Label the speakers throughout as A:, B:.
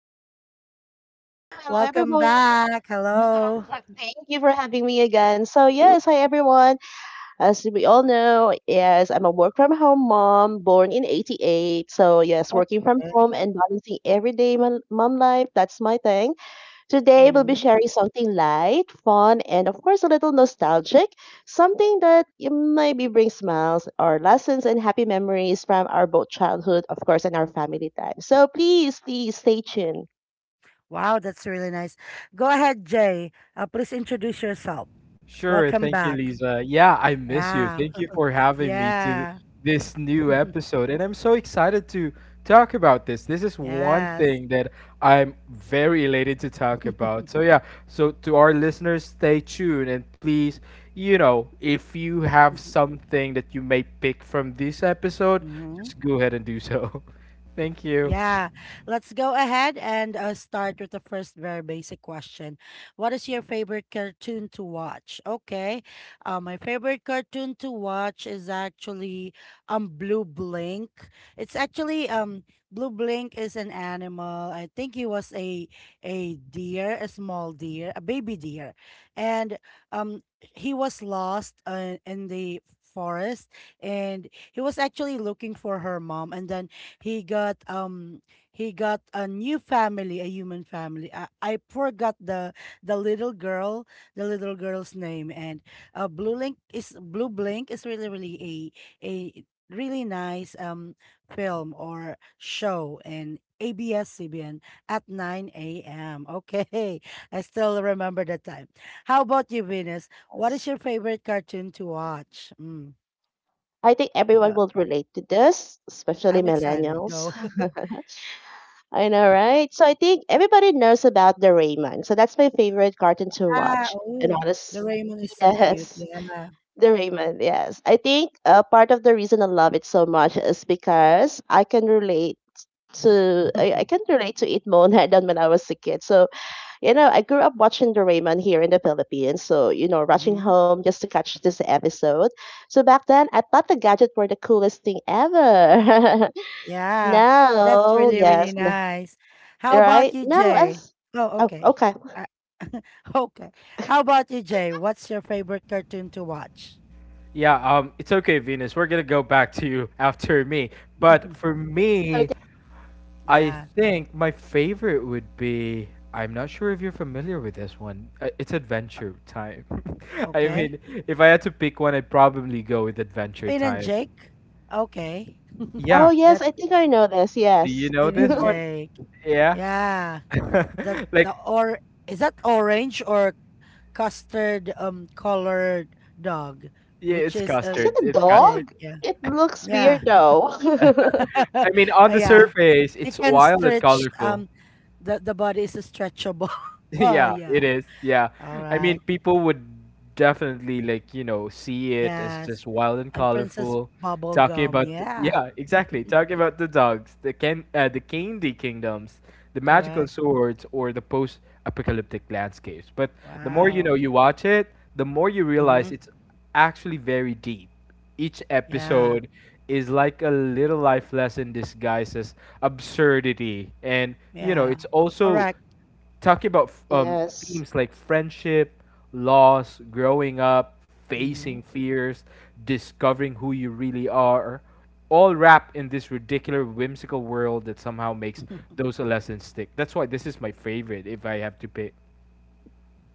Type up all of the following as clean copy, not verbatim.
A: guys. Hello, hello
B: Welcome
A: everyone.
B: back. Hello.
A: Thank you for having me again. So yes, hi everyone. As we all know, yes, I'm a work from home mom, born in 88. So yes, working from
B: Okay.
A: home and balancing everyday mom life, that's my thing. Today we'll be
B: Mhm.
A: sharing something light, fun, and of course a little nostalgic, something that you maybe brings smiles or lessons and happy memories from our both childhood, of course, and our family time. So please, please stay tuned.
B: Wow, that's really nice. Go ahead, Jay. Please introduce yourself.
C: Sure.
B: Welcome
C: Thank you,
B: back.
C: Lisa. Yeah, I miss you.
B: Yeah.
C: Thank you for having me to
B: Yeah.
C: this new episode. And I'm so excited to talk about this. This is one
B: yes.
C: thing that I'm very elated to talk about. So, yeah, so to our listeners, stay tuned and please, if you have something that you may pick from this episode,
B: Mhm.
C: just go ahead and do so. Thank you.
B: Yeah, let's go ahead and start with the first very basic question. What is your favorite cartoon to watch? Okay, my favorite cartoon to watch is actually Blue Blink. It's actually Blue Blink is an animal. I think he was a deer, a small deer, a baby deer, and um he was lost in the forest, and he was actually looking for her mom, and then he got he got a new family, a human family. I forgot the little girl, the little girl's name, and Blue Blink is really a really nice film or show, and ABS-CBN at 9 a.m. Okay, I still remember the time. How about you, Venus? What is
A: Yes.
B: your favorite cartoon to watch? Mm,
A: I think everyone
B: yeah,
A: will relate to this, especially
B: I'm excited.
A: millennials.
B: Go.
A: I know, right? So I think everybody knows about the Rayman. So that's my favorite cartoon to
B: Ah,
A: watch. And
B: oh,
A: honest,
B: Doraemon is so cute.
A: yes,
B: Yeah.
A: the Rayman. Yes, I think part of the reason I love it so much is because I can relate to I can relate to it more than I done when I was a kid. So you know, I grew up watching Doraemon here in the Philippines, so, you know, rushing
B: hmm
A: home just to catch this episode. So back then, I thought the gadget were the coolest thing ever.
B: Yeah, that's
A: Now,
B: really, really
A: yes,
B: nice. How
A: right?
B: about you,
A: Now,
B: Jay?
A: as,
B: Oh,
A: oh,
B: okay.
A: okay.
B: I, okay. How about you, Jay? What's your favorite cartoon to watch?
C: Yeah, it's okay, Venus. We're gonna go back to you after me. But for
A: Okay.
C: me, I
B: Yeah,
C: think my favorite would be I'm not sure if you're familiar with this one. It's Adventure Time. I
B: okay.
C: mean, if I had to pick one, I'd probably go with Adventure
B: Finn and
C: Time.
B: Jake? Okay.
A: Oh,
C: Yeah.
A: yes,
B: That's
A: I think I know this,
C: Do you
A: yes.
C: know
B: Finn
C: this
B: and
A: Is
C: one?
B: Jake.
C: Yeah.
B: Yeah.
C: Like,
B: The or is that orange or custard colored dog,
C: yeah,
B: which
C: it's
B: is
C: custard.
A: it a
C: It's custard.
B: Jake.
A: dog?
B: Yeah,
A: It looks
B: yeah.
A: weird though.
C: I mean, on
B: Uh,
C: the
B: yeah.
C: surface,
B: It
C: it's
B: can
C: wild and
B: stretch.
C: colorful.
B: The body is stretchable. oh
C: Yeah, it
B: yeah.
C: is. Yeah.
B: All
C: I mean,
B: right.
C: people would definitely like, see it as
B: Yes.
C: just wild and
B: And Princess
C: colorful.
B: Bubblegum. Yeah.
C: Yeah, exactly. Talking about the dogs, the candy kingdoms, the magical
B: Correct.
C: swords or the post-apocalyptic landscapes. But the more
B: Wow.
C: you watch it, the more you realize
B: Mm-hmm.
C: it's actually very deep. Each
B: Yeah.
C: episode is like a little life lesson disguised as absurdity, and
B: Yeah.
C: it's also
B: Correct.
C: talking about
A: Yes.
C: themes like friendship, loss, growing up, facing
B: Mm-hmm.
C: fears, discovering who you really are, all wrapped in this ridiculous, whimsical world that somehow makes those lessons stick. That's why this is my favorite, if I have to pick.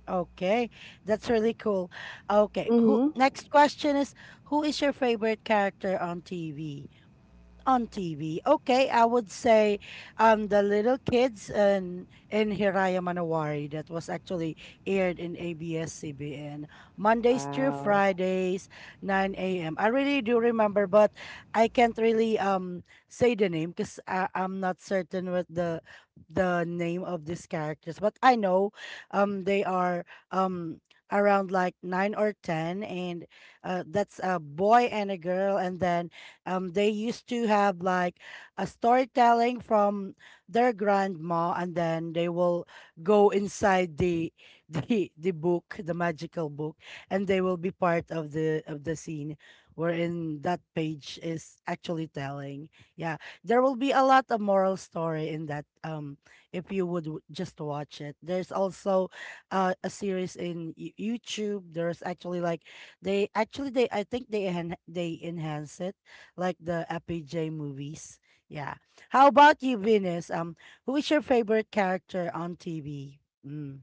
B: Okay, that's really cool. Okay, who
A: Mm-hmm.
B: next question is, who is your favorite character on TV? On TV. Okay, I would say the little kids and in Hiraya Manawari that was actually aired in ABS-CBN, Mondays through
A: Wow.
B: Fridays, 9 a.m. I really do remember, but I can't really say the name because I'm not certain with the name of these characters. But I know they are um around like nine or ten, and that's a boy and a girl, and then they used to have like a storytelling from their grandma, and then they will go inside the the book, the magical book, and they will be part of the scene wherein that page is actually telling. Yeah, there will be a lot of moral story in that. If you would just watch it, there's also a series in YouTube. There's actually like they actually they I think they enhance it like the FPJ movies. Yeah. How about you, Venus? Who is your favorite character on TV? Mm,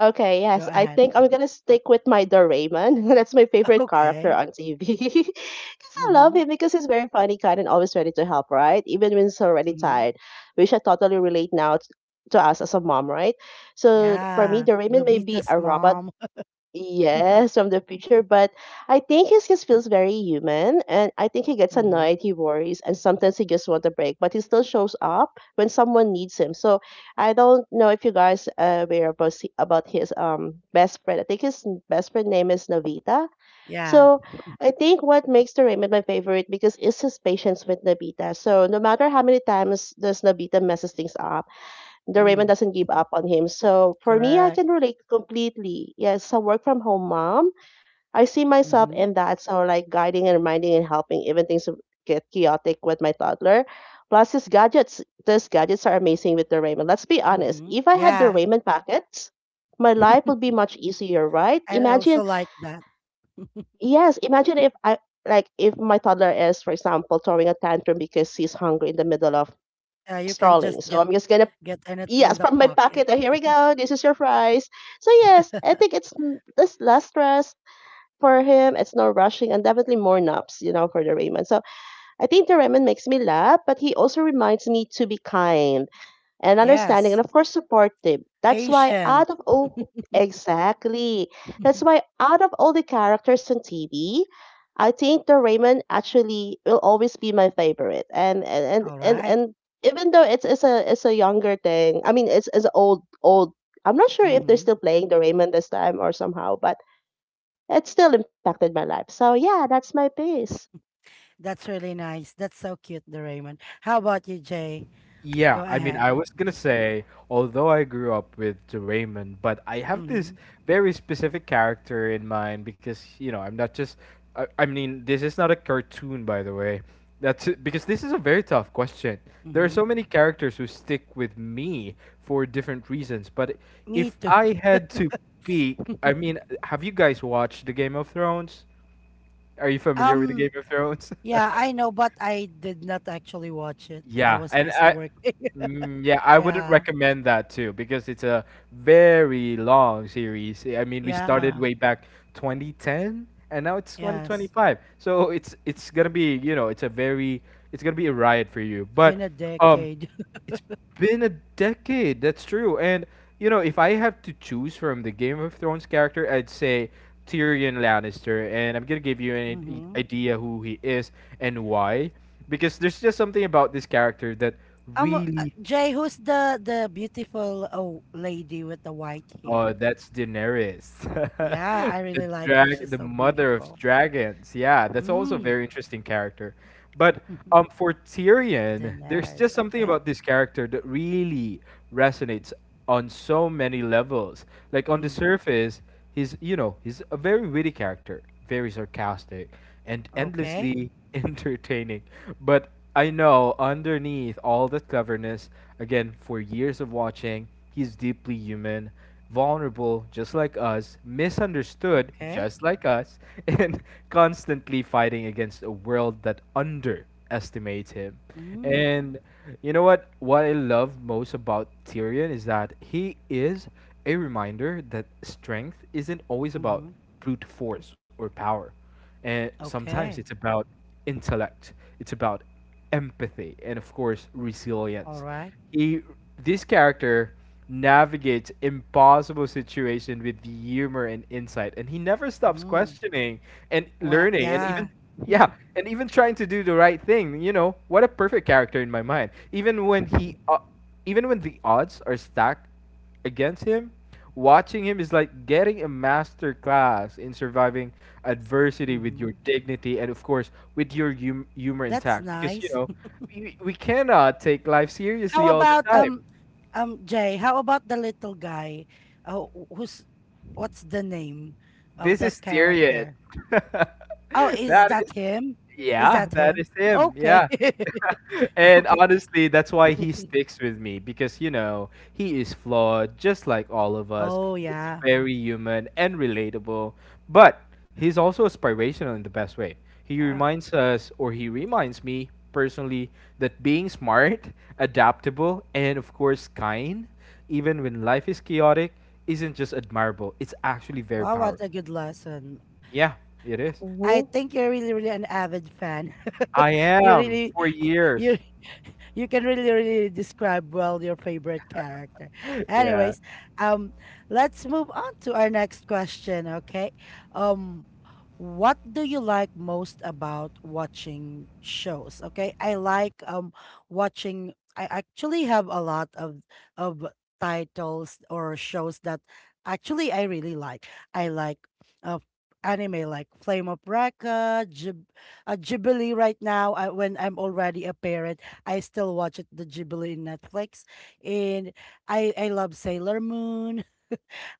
A: Okay,
B: go
A: yes. I
B: ahead.
A: think I'm gonna stick with my Doraemon. That's my favorite character
B: Okay.
A: on TV. Because I love
B: Mm-hmm.
A: him because he's very funny, kind, and always ready to help, right? Even when he's already
B: Mm-hmm.
A: tired, which I totally relate to us as a mom, right? So for me,
B: Yeah.
A: Doraemon may be
B: Nobita's
A: a robot.
B: mom.
A: Yes, from the future, but I think he just feels very human, and I think he gets
B: Mm-hmm.
A: annoyed, he worries, and sometimes he just wants a break. But he still shows up when someone needs him. So I don't know if you guys are aware about his best friend. I think his best friend name is Navita.
B: Yeah.
A: So I think what makes the Raymond my favorite because is his patience with Navita. So no matter how many times does Navita messes things up, the Raymond
B: Mm,
A: doesn't give up on him. So for me, I
B: correct.
A: can relate completely. Yes, a work from home mom. I see myself
B: Mm-hmm.
A: in that. So like guiding and reminding and helping, even things get chaotic with my toddler. Plus his gadgets. These gadgets are amazing with the Raymond. Let's be honest.
B: Mm-hmm.
A: If I had the
B: Yeah.
A: Raymond packets, my life would be much easier, right?
B: And I also
A: Imagine,
B: like that.
A: yes, imagine if I like if my toddler is, for example, throwing a tantrum because he's hungry in the middle of
B: You can just
A: strolling.
B: get
A: So I'm just gonna,
B: get anything in
A: yes,
B: the
A: from my
B: pocket.
A: pocket. Oh, here we go. This is your fries. So yes, I think it's mm, this less stress for him. It's no rushing and definitely more naps, you know, for the Raymond. So I think the Raymond makes me laugh, but he also reminds me to be kind and understanding
B: Yes.
A: and of course supportive. That's why
B: Patient.
A: out of all, exactly, that's why out of all the characters on TV, I think the Raymond actually will always be my favorite. and and
B: All
A: and and,
B: right.
A: and even though it's a it's a younger thing, I mean it's old. I'm not sure if they're
B: Mm-hmm.
A: still playing the Raymond this time or somehow, but it still impacted my life. So yeah, that's my piece.
B: That's really nice. That's so cute, the Raymond. How about you, Jay? Go
C: Yeah, I mean, I
B: ahead.
C: was gonna
B: Mm-hmm.
C: say, although I grew up with the Raymond, but I have this
B: Mm-hmm.
C: very specific character in mind because, I'm not just. I mean, this is not a cartoon, by the way. That's it, because this is a very tough question. There are
B: Mm-hmm.
C: so many characters who stick with me for different reasons, but
B: Me
C: if
B: too.
C: I had to pick, I mean, have you guys watched the Game of Thrones? Are you familiar with the Game
B: Um,
C: of Thrones?
B: yeah, I know, but I did not actually watch it. I
C: Yeah,
B: was
C: and
B: busy
C: I,
B: working.
C: mm, yeah, I wouldn't
B: yeah,
C: recommend that too, because it's a very long series. I mean, we started
B: yeah,
C: way back 2010 and now it's
B: yes.
C: 2025. So it's going to be you know, it's a very it's going to be a riot for you.
B: It's
C: But
B: been a
C: um
B: decade.
C: it's been a decade. That's true. And if I have to choose from the Game of Thrones character, I'd say Tyrion Lannister. And I'm gonna give you
B: mm-hmm.
C: idea who he is and why, because there's just something about this character that
B: Um, uh,
C: really.
B: Jay, who's the beautiful oh lady with the white
C: Oh,
B: hair?
C: that's Daenerys,
B: Yeah, I really like her. She's
C: the
B: so
C: mother of
B: beautiful.
C: dragons. Yeah, that's also a
B: Mm.
C: very interesting character. But for Tyrion, there's
B: Daenerys.
C: just something
B: Okay.
C: about this character that really resonates on so many levels. Like on the
B: Mm.
C: surface, he's you know he's a very witty character, very sarcastic, and
B: Okay.
C: endlessly entertaining. But I know, underneath all that cleverness, again, for years of watching, he's deeply human, vulnerable just like us, misunderstood
B: Okay.
C: just like us, and constantly fighting against a world that underestimates him.
B: Mm,
C: And you know what? What I love most about Tyrion is that he is a reminder that strength isn't always about
B: mhm.
C: brute force or power. And sometimes it's
B: Okay.
C: about intellect, it's about empathy, and of course,
B: All
C: resilience.
B: right.
C: He, this character navigates impossible situations with humor and insight, and he never stops
B: Mm.
C: questioning and
B: Well,
C: learning, and
B: yeah.
C: yeah, even trying to do the right thing. You know, what a perfect character in my mind. Even when even when the odds are stacked against him, watching him is like getting a master class in surviving adversity with your
B: Mhm.
C: dignity and of course with your humor
B: That's
C: intact, because you
B: nice.
C: know we, we cannot take life seriously
B: How
C: all the
B: about
C: time.
B: Jay, how about the little guy? Wh- who's what's the name of
C: This
B: that
C: is Tyrion.
B: character? Oh, is
C: that
B: that
C: is
B: him? Is
C: yeah
B: that
C: that
B: him?
C: is him.
B: Okay.
C: Yeah. And
B: Okay.
C: honestly, that's why he sticks with me, because he is flawed, just like all of us.
B: Oh
C: He's
B: yeah.
C: very human and relatable, but he's also aspirational in the best way. He
B: Yeah.
C: reminds us, or he reminds me personally, that being smart, adaptable, and of course kind, even when life is chaotic, isn't just admirable. It's actually very
B: Wow, what
C: powerful.
B: a good lesson.
C: Yeah, it is.
B: I
A: Mm-hmm,
B: think you're really, really an avid fan.
C: I
B: you
C: am
B: really,
C: for
B: you
C: years.
B: you can really, really describe well your favorite character.
C: Yeah,
B: Anyways, um, let's move on to our next question. Okay, um, what do you like most about watching shows? Okay, I like watching. I actually have a lot of titles or shows that actually I really like. Uh, anime like Flame of Recca, Jib Ghibli right now. I, when I'm already a parent, I still watch it, the Ghibli in Netflix. And I love Sailor Moon.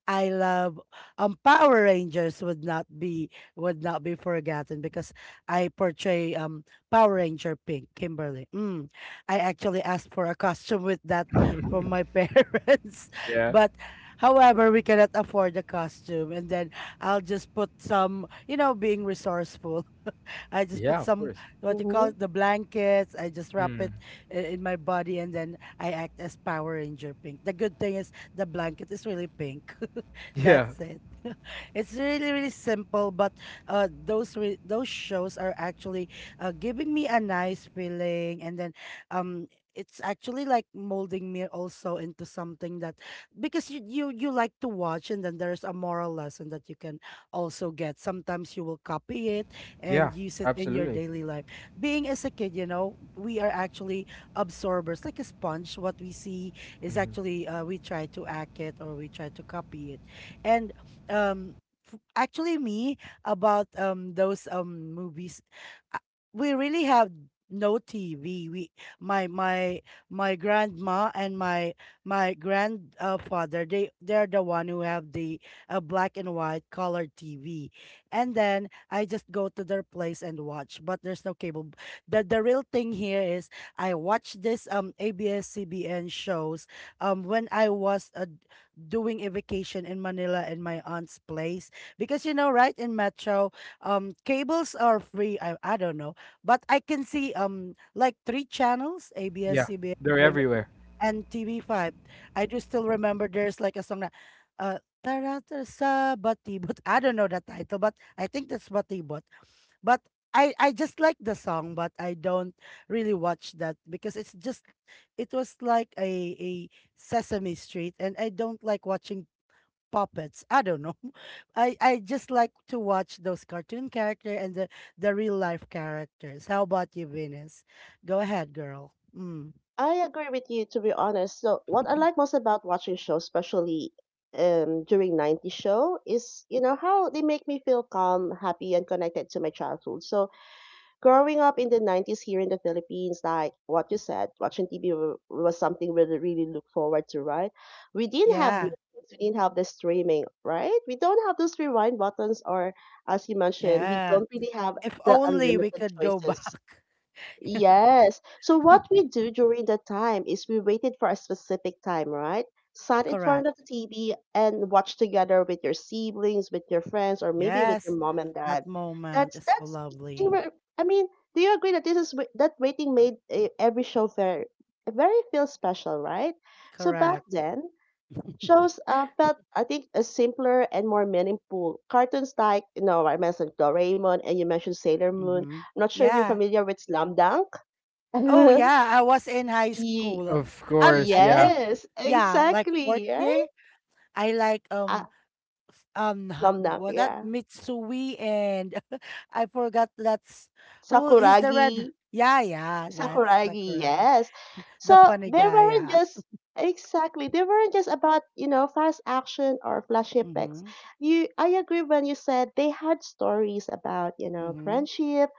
B: I love Power Rangers would not be forgotten because I portray Power Ranger Pink Kimberly. Mm. I actually asked for a costume with that from my parents,
C: yeah,
B: but however we cannot afford the costume, and then I'll just put some, you know, being resourceful. I just
C: yeah.
B: put
C: Of
B: some,
C: course.
B: what you call
A: mm-hmm.
B: it, the blankets. I just wrap
C: Mm.
B: it in my body, and then I act as Power Ranger pink. The good thing is the blanket is really pink.
C: Yeah,
B: That's it. It's really really simple, but those shows are actually giving me a nice feeling, and then it's actually like molding me also into something that, because you like to watch, and then there's a moral lesson that you can also get. Sometimes you will copy it
C: yeah,
B: and use it in your
C: absolutely.
B: daily life. Being as a kid, you know, we are actually absorbers, like a sponge. What we see is
C: Hmm.
B: actually we try to act it or we try to copy it. And um, actually, me about those movies, uh, we really have no TV. We my my my grandma and my grandfather, they, they're the one who have the a black and white color TV, and then I just go to their place and watch. But there's no cable. The real thing here is I watch this ABS-CBN shows when I was doing a vacation in Manila in my aunt's place, because you know right in Metro cables are free. I don't know, but I can see like three channels,
C: Yeah, they're
B: ABS-CBN
C: everywhere.
B: and TV5. I do still remember there's like a song that uh Tarata Sabatibot. I don't know the title, but I think that's Batibot. But I just like the song, but I don't really watch that because it's just it was like a Sesame Street, and I don't like watching puppets. I don't know. I just like to watch those cartoon character and the real life characters. How about you, Venus? Go ahead, girl. Mm.
A: I agree with you to be honest. So what I like most about watching shows, especially during 90s show, is you know how they make me feel calm, happy and connected to my childhood. So growing up in the 90s here in the Philippines, like what you said, watching TV was something we really look forward to, right? We didn't have
B: Yeah.
A: Netflix, we didn't have the streaming, right? We don't have those rewind buttons or as you mentioned, we
B: Yeah.
A: don't really have
B: If
A: the
B: only we
A: unlimited
B: could go
A: choices.
B: back.
A: Yes. So what we do during the time is we waited for a specific time, right? Sat in
B: Correct.
A: front of the TV and watched together with your siblings, with your friends, or maybe with your
B: Yes.
A: mom and
B: That
A: dad.
B: moment
A: That's
B: is so
A: that's. in
B: lovely.
A: re- I mean, do you agree that waiting made every show very, very feel special, right? So back
B: Correct.
A: then, shows felt I think a simpler and more meaningful. Cartoons like, you know, I mentioned Doraemon and you mentioned Sailor Moon.
B: Mm-hmm.
A: I'm not sure if you're
B: Yeah.
A: familiar with Slam Dunk.
B: Oh yeah, I was in high
A: Ye
B: school.
C: Of course,
B: I
C: yeah.
B: think
A: Yes,
B: yeah, like fourth
A: exactly,
B: year.
A: right?
B: I like
A: Ah, Slamdunk,
B: was that
A: yeah.
B: Mitsui and I forgot that's who he's the red,
A: Sakuragi,
B: yeah yeah, that's
A: Sakuragi,
B: Sakuragi
A: yes.
B: the
A: So
B: funny
A: they
B: guy
A: weren't
B: yeah.
A: just, exactly, they weren't just about, you know, fast action or flashy effects.
B: Mhm.
A: You, I agree when you said they had stories about, you know,
B: Mhm.
A: friendship,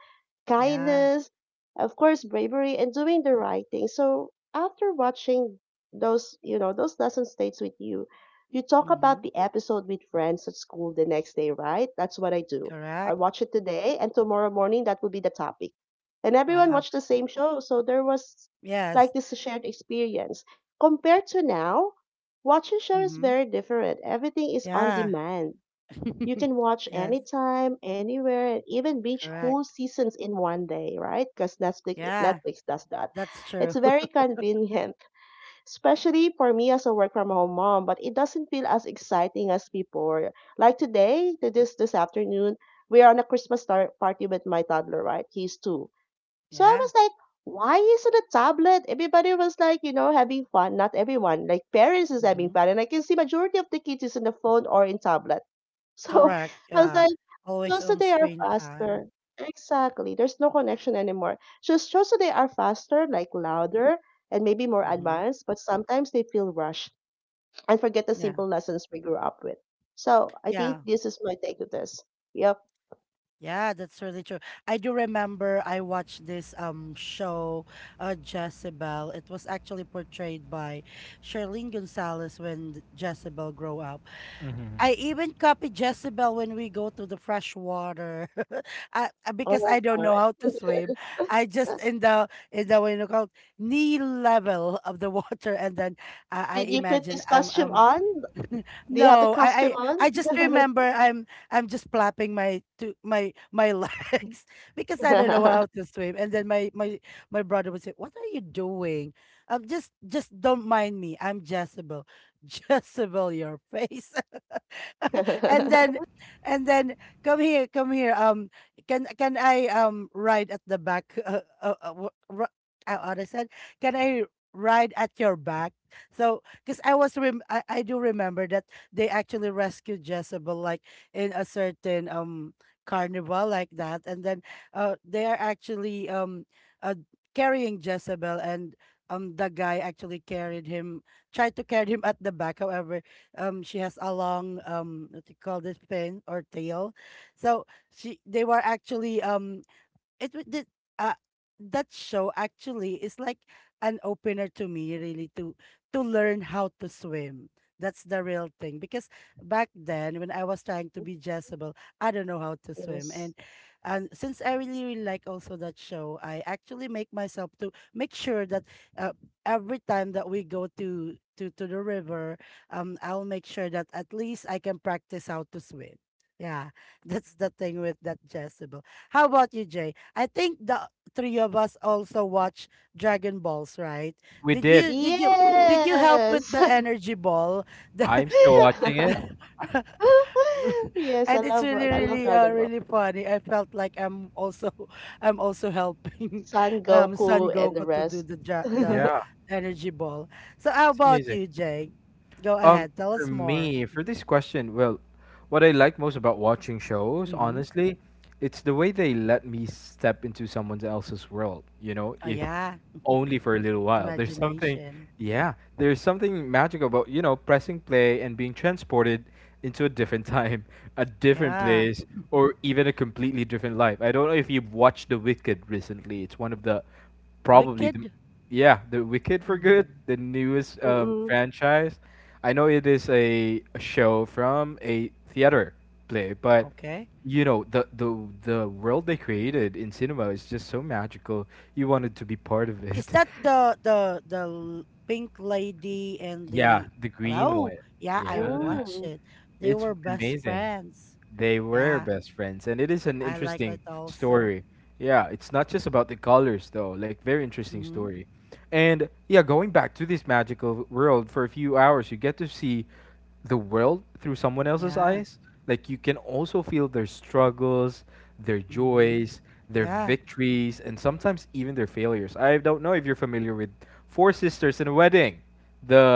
B: Yeah.
A: kindness, of course, bravery, and doing the right thing. So after watching those, you know, those lesson states with you, you talk about
B: Mhm.
A: the episode with friends at school the next day, right? That's what I do. I
B: Correct.
A: watch it today, and tomorrow morning that will be the topic. And everyone
B: Wow.
A: watched the same show, so there was like
B: Yes.
A: this shared experience. Compared to now, watching show is
B: Mhm.
A: very different. Everything is on
B: Yeah.
A: demand. You can watch
B: Yes.
A: anytime, anywhere, and even binge
B: Correct.
A: whole seasons in one day, right? Because Netflix,
B: Yeah.
A: Netflix does that.
B: That's true.
A: It's very convenient, especially for me as a work from home mom, but it doesn't feel as exciting as before. Like today, to this afternoon, we are on a Christmas party with my toddler, right? He's two. So I
B: Yeah.
A: was like, why isn't a tablet? Everybody was like, you know, having fun. Not everyone, like parents is having
B: Mhm.
A: fun. And I can see majority of the kids is on the phone or in tablet. So
B: Correct.
A: I was
B: Yeah.
A: like,
B: Always
A: shows
B: on
A: today are
B: screen time.
A: faster. Exactly. There's no connection anymore. Just shows today are faster, like louder and maybe more
B: Mhm.
A: advanced, but sometimes they feel rushed and forget the
B: Yeah.
A: simple lessons we grew up with. So I
B: Yeah.
A: think this is my take to this. Yep.
B: Yeah, that's really true. I do remember I watched this show, Jezebel. It was actually portrayed by Charlene Gonzalez when Jezebel grow up. I
C: Hmm.
B: even copy Jezebel when we go to the fresh water, because I
A: Oh
B: don't
A: my.
B: know how to swim. I just in the in the, what you know, called knee level of the water, and then I
A: Did you put
B: imagine
A: this
B: I'm
A: costume on? Do you have the
B: no,
A: costume
B: I
A: on?
B: just remember I'm just flapping my to my my legs because I don't know how to swim. And then my my brother would say, "What are you doing? Just don't mind me. I'm Jezebel, Jezebel your face." and then and then come here, come here. Can I ride at the back? What I said, can I ride at your back? Because I do remember that they actually rescued Jezebel, like, in a certain carnival like that, and then they are actually uh, carrying Jezebel, and the guy actually carried him, tried to carry him at the back however she has a long, what do you call this, fin or tail. So she they were actually it w- the, uh, that show actually is like an opener to me, really, to learn how to swim. That's the real thing, because back then when I was trying to be Jezebel, I don't know how to swim.
A: Yes.
B: And since I really, really like also that show, I actually make myself to make sure that, uh, every time that we go to the river, I'll make sure that at least I can practice how to swim. Yeah, that's the thing with that Jezebel. How about you, Jay? I think the three of us also watch Dragon Balls, right?
C: We
B: Did
C: did.
B: you did you did you help with
A: Yes.
B: the energy ball? The,
C: I'm still watching it.
B: the-
A: Yes, I
B: and it's
A: love
B: really,
A: like, I love Dragon Ball.
B: really funny. I felt like I'm also I'm also helping
A: Son
B: Son
A: Goku and the
B: Goku to do
A: rest.
B: the
A: Mm-mm.
C: Yeah,
B: energy ball. So how
C: it's
B: about
C: amazing.
B: you, Jake? Go
C: Um,
B: ahead, tell
C: for
B: us more.
C: me, for
B: Mhm.
C: this question, well, what I like most about watching shows,
B: Mm-hmm.
C: honestly, it's the way they let me step into someone else's world,
B: Oh
C: if
B: yeah,
C: only for a little while. There's something,
B: imagination.
C: yeah, there's something magical about, pressing play and being transported into a different time, a different
B: Yeah,
C: place, or even a completely different life. I don't know if you've watched The Wicked recently. It's one of the Probably the
B: Wicked.
C: yeah, the Wicked for Good,
B: Mm.
C: the newest franchise. I know it is a show from a theater play, but
B: Okay.
C: the world they created in cinema is just so magical. You wanted to be part of
B: Is
C: it.
B: that Pink Lady and
C: Yeah,
B: the—
C: the green
B: Oh,
C: one.
B: yeah, I
C: Yeah,
B: watched
A: Mm.
B: it. They
C: it's
B: were best
C: amazing.
B: friends.
C: They were
B: Yeah,
C: best friends, and it is an
B: I like it
C: interesting
B: also.
C: story. Yeah, it's not just about the colors though, like very interesting
B: Mm-hmm.
C: story. And yeah, going back to this magical world for a few hours, you get to see the world through someone else's
B: Yeah.
C: eyes. Like you can also feel their struggles, their
B: Mm-hmm.
C: joys, their
B: Yeah.
C: victories, and sometimes even their failures. I don't know if you're familiar with Four Sisters in a Wedding,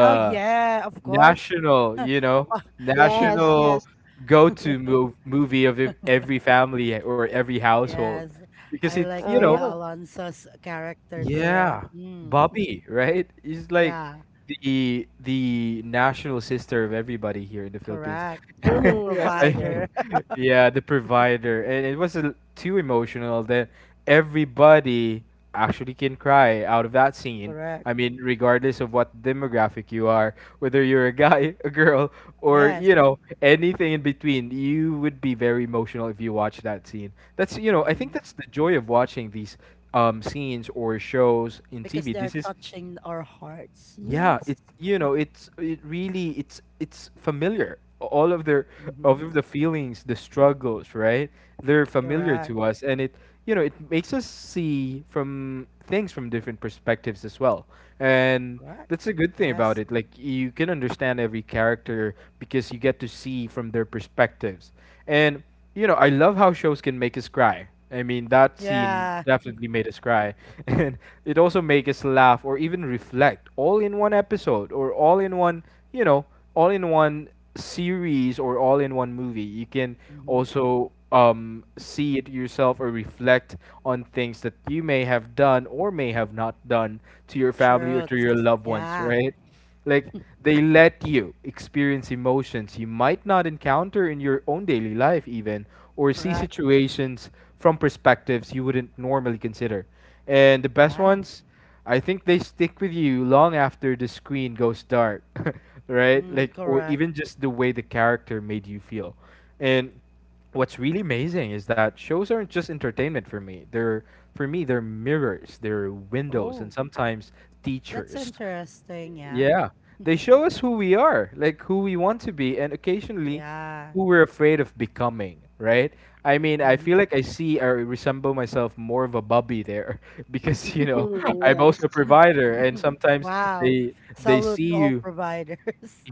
B: Oh yeah, of course.
C: national,
B: Oh,
A: Yes,
B: yeah.
C: national
A: yes.
C: movie of every family or every household,
B: Yes.
C: because
B: I
C: it,
B: like Bea
A: Uh-huh.
B: Alonso's character there.
C: yeah,
B: Mm.
C: Bobby, right? He's like
B: Yeah,
C: the national sister of everybody here in the Philippines.
B: correct. The
A: Mm-hmm. Yes, it's true.
C: I-
B: provider.
C: yeah, the provider, and it was too emotional that everybody actually can cry out of that scene.
B: Correct.
C: I mean, regardless of what demographic you are, whether you're a guy, a girl, or
B: Yes.
C: anything in between, you would be very emotional if you watch that scene. I think
B: Mm-hmm.
C: that's the joy of watching these scenes or shows in
B: Because
C: TV.
B: they're
C: This is,
B: touching our hearts.
C: yeah,
B: Yes.
C: it you know it's it really it's familiar. All of their all
B: Mm-hmm.
C: of the feelings, the struggles, right? They're familiar
B: Correct.
C: to us, and it you know it makes us see from things from different perspectives as well, and
B: Correct.
C: that's a good thing about
B: Yes.
C: it. Like you can understand every character because you get to see from their perspectives, and I love how shows can make us cry. I mean, that scene
B: Yeah.
C: definitely made us cry. And it also made us laugh or even reflect, all in one episode, or all in one, you know, all in one series or all in one movie. You can
B: Mm-hmm.
C: also see it yourself, or reflect on things that you may have done or may have not done to your family or to your
B: Truths.
C: loved ones,
B: Yeah.
C: right? Like they let you experience emotions you might not encounter in your own daily life, even, or see
B: Correct.
C: situations from perspectives you wouldn't normally consider. And the best
B: Yeah.
C: ones, I think, they stick with you long after the screen goes dark, right?
B: Mm,
C: Like, or
B: correct.
C: even just the way the character made you feel. And what's really amazing is that shows aren't just entertainment for me. They're, for me, they're mirrors, they're windows, and
B: Oh,
C: sometimes
B: that's
C: teachers.
B: interesting. Yeah.
C: Yeah. They show us who we are, like who we want to be, and occasionally
B: Yeah.
C: who we're afraid of becoming, right? I mean, I feel
B: Mm-hmm.
C: like I see or resemble myself more of a Bobby there, because,
A: Mm,
C: I'm also
A: yes.
C: a provider, and sometimes
B: Wow.
C: they
B: Salute
C: see
B: to all
C: you.
B: providers.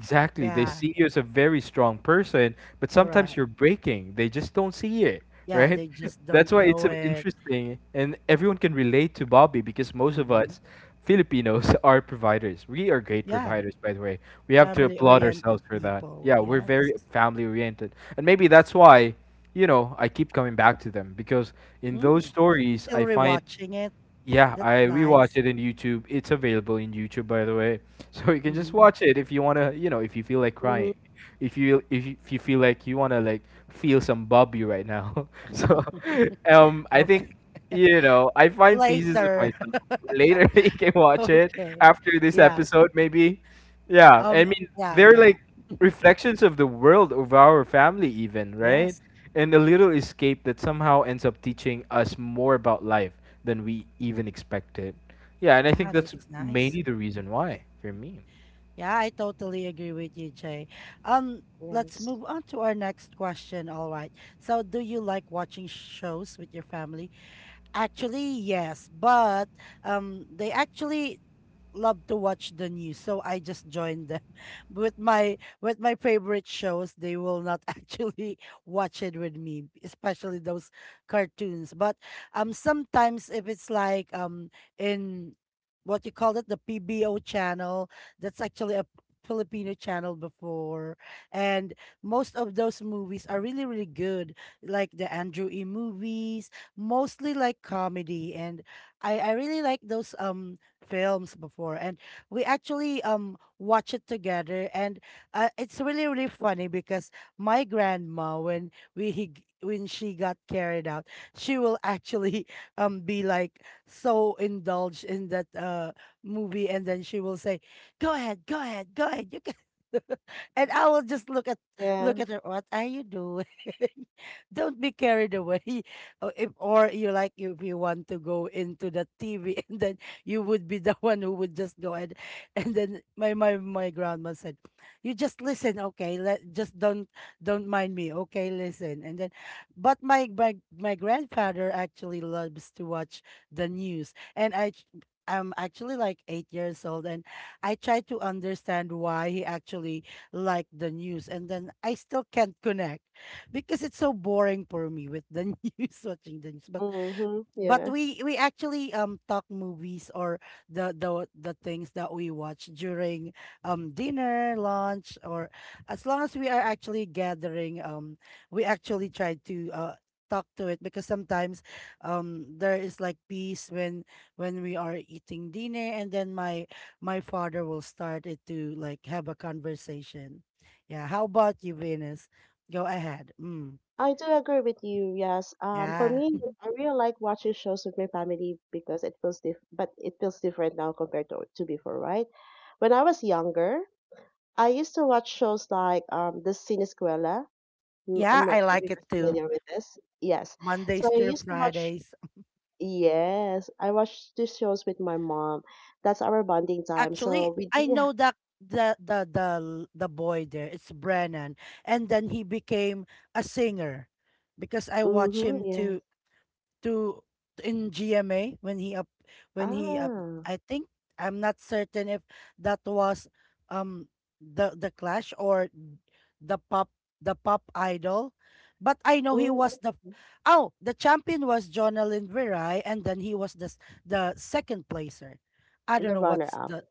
C: They
B: Yeah.
C: see you as a very strong person, but sometimes
B: Correct.
C: you're breaking. They just don't see it,
B: Yeah.
C: right?
B: They just
C: That's
B: don't
C: why it's
B: know it.
C: interesting, and everyone can relate to Bobby, because most of
B: Mm-hmm.
C: us Filipinos are providers. We are great
B: Yeah.
C: providers, by the way. We have to
B: Family
C: applaud ourselves
B: oriented
C: for that.
B: people.
C: Yeah, we're
B: Yes.
C: very family oriented. And maybe that's why, I keep coming back to them, because in those
B: Mm.
C: stories,
B: Still
C: I find
B: rewatching it.
C: yeah,
B: That's
C: I rewatched
B: nice.
C: it in YouTube. It's available in YouTube, by the way, so you can just
B: Hmm.
C: watch it if you wanna. You know, if you feel like
A: Mm-hmm.
C: crying, if you feel like you wanna like feel some Bobby right now. So, I think
B: Okay.
C: I find pieces of
B: Later.
C: myself. Later, you can watch it
B: Okay.
C: after this
B: Yeah.
C: episode, maybe. Yeah,
B: Um,
C: I mean,
B: yeah,
C: they're
B: yeah.
C: like reflections of the world, of our family, even, right?
B: Yes.
C: And a little escape that somehow ends up teaching us more about life than we even expected. Yeah, and I think
B: Yeah,
C: that's
B: that's nice.
C: mainly the reason why for me.
B: Yeah, I totally agree with you, Jay. Um, let's
A: Yes.
B: move on to our next question. All right. So, do you like watching shows with your family? Actually, yes, but they actually love to watch the news, so I just joined them with my favorite shows. They will not actually watch it with me, especially those cartoons. But sometimes if it's like, in what you call it, the PBO channel, that's actually a Filipino channel before, and most of those movies are really, really good, like the Andrew E movies, mostly like comedy, and I really like those films before, and we actually watch it together, and it's really, really funny because my grandma, when she got carried out, she will actually be like so indulged in that movie, and then she will say, "Go ahead, go ahead, go ahead, you can." And I will just
A: Yeah.
B: look at her. "What are you doing?" "Don't be carried away, or if, or you like, if you want to go into the TV, and then you would be the one who would just go ahead." And then my grandma said, "You just listen, okay? Let just don't mind me, okay? Listen." And then, but my grandfather actually loves to watch the news, and I'm actually like 8 years old, and I try to understand why he actually liked the news, and then I still can't connect because it's so boring for me with the news, watching the news. but
A: Mm-hmm.
B: but
A: Yeah.
B: we actually talk movies, or the things that we watch during dinner, lunch, or as long as we are actually gathering, we actually try to talk to it, because sometimes there is, like, peace when we are eating dinner, and then my father will start it to, like, have a conversation. Yeah, how about you, Venus? Go ahead. Mm.
A: I do agree with you. Yes. For
B: Yeah.
A: me, I really like watching shows with my family because it feels diff but it feels different now compared to before, right? When I was younger, I used to watch shows like The Sinisquela.
B: Yeah,
A: I'm not
B: I
A: sure if
B: like
A: you
B: it
A: guys are
B: too.
A: familiar with this. Yes. So
B: Mondays
A: I
B: through
A: used to watch,
B: Fridays.
A: yes, I watched these shows with my mom. That's our bonding time.
B: Actually,
A: So we
B: I
A: didn't,
B: know that the boy there, it's Brennan. And then he became a singer because I watch
A: mm-hmm,
B: him
A: yes.
B: to in GMA when he up, when he up,
A: Ah,
B: I think— I'm not certain if that was um the Clash or the pop the pop idol, but I know he
A: mm,
B: was the—
A: okay.
B: Oh, the champion was Jonalyn Virai, and then he was the second placer. I don't
A: The
B: know
A: runner
B: what's
A: up.
B: the—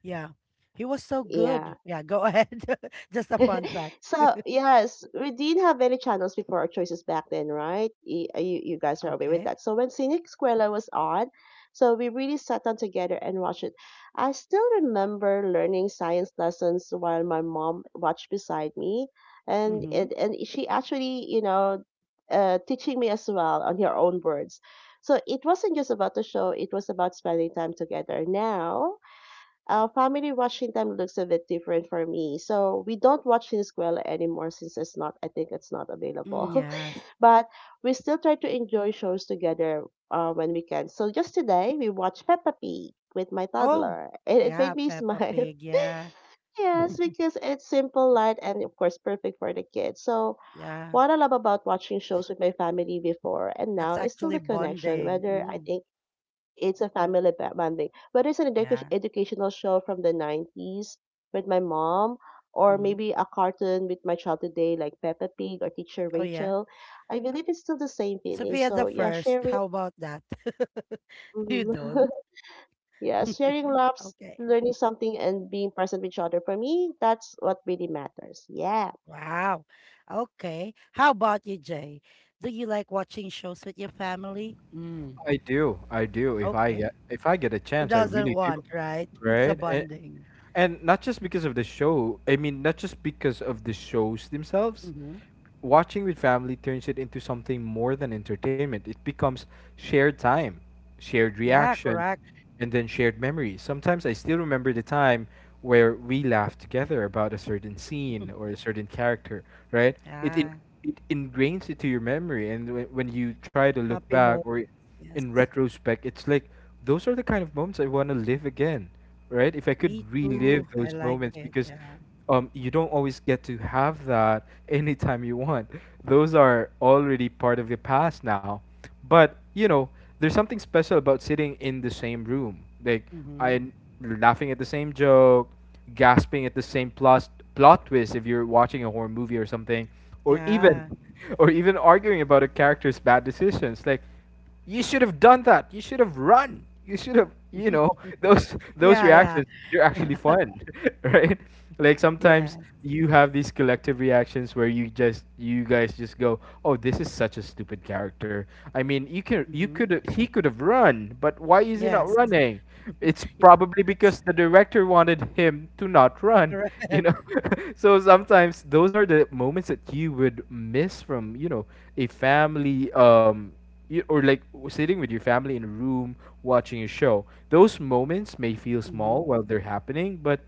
B: Yeah, he was so
A: Yeah.
B: good. Yeah, go ahead. Just a fun fact.
A: So yes, we did have many channels before our choices back then, right? You, you guys are aware with
B: Okay.
A: that. So when Scenic Squella was on, so we really sat down together and watched it. I still remember learning science lessons while my mom watched beside me, and
B: Mm-hmm.
A: and she actually, you know, teaching me as well on her own words. So it wasn't just about the show; it was about spending time together. Now our family watching time looks a bit different for me. So we don't watch Sinisquela anymore since it's not, I think it's not available.
B: Mm, yes.
A: But we still try to enjoy shows together when we can. So just today, we watched Peppa Pig with my
B: Oh
A: toddler. And it
B: yeah,
A: made me
B: Peppa
A: smile.
B: Pig. Yeah.
A: Yes, because it's simple, light, and of course, perfect for the kids. So,
B: Yeah,
A: what I love about watching shows with my family before and
B: that's
A: now is still
B: actually
A: the connection,
B: bonding.
A: whether I
B: Mm,
A: think it's a family bonding. But it's an
B: yeah.
A: educational show from the 90s with my mom, or
B: Hmm.
A: maybe a cartoon with my child today, like Peppa Pig or Teacher
B: Oh, yeah.
A: Rachel. I believe it's still the same feeling.
B: Sophia
A: So,
B: the
A: yeah,
B: First.
A: sharing.
B: How about that? You
A: Mhm.
B: don't.
A: Yeah, sharing loves,
B: Okay.
A: learning something, and being present with each other. For me, that's what really matters. Yeah.
B: Wow. Okay. How about you, Jay? Do you like watching shows with your family? Mm.
C: I do, I do.
B: Okay.
C: If I get a
B: Who
C: chance, I
B: doesn't
C: really do.
B: want, right? It's a
C: Right? And
B: bonding.
C: and not just because of the show. I mean, not just because of the shows themselves.
B: Mm-hmm.
C: Watching with family turns it into something more than entertainment. It becomes shared time, shared
B: Yeah,
C: reactions,
B: correct.
C: and then shared memories. Sometimes I still remember the time where we laughed together about a certain scene or a certain character, right? It in,
B: Yeah.
C: it ingrains it to your memory, and when you try to look
B: Happy
C: back
B: moments.
C: or in
B: Yes.
C: retrospect, it's like those are the kind of moments I want to live again, right? If I could
B: Me
C: relive
B: too. I
C: those
B: like
C: moments
B: it.
C: because
B: Yeah.
C: you don't always get to have that anytime you want. Those are already part of the past now. But, you know, there's something special about sitting in the same room. Like,
B: Mm-hmm.
C: I laughing at the same joke, gasping at the same plot twist if you're watching a horror movie or something, or even
B: Yeah.
C: or even arguing about a character's bad decisions. Like, you should have done that. You should have run. You should have, you know, those
B: Yeah, yeah.
C: reactions. They're actually
B: Yeah.
C: fun, right? Like sometimes
B: Yes.
C: you have these collective reactions where you guys just go, "Oh, this is such a stupid character." I mean, you can you
B: Mhm.
C: could he could have run, but why is he not
B: Yes.
C: running? It's probably
B: That's
C: because the director wanted him to not run, you know.
B: correct.
C: So sometimes those are the moments that you would miss from, you know, a family you, or like w- sitting with your family in a room watching a show. Those moments may feel
B: Mhm.
C: small while they're happening, but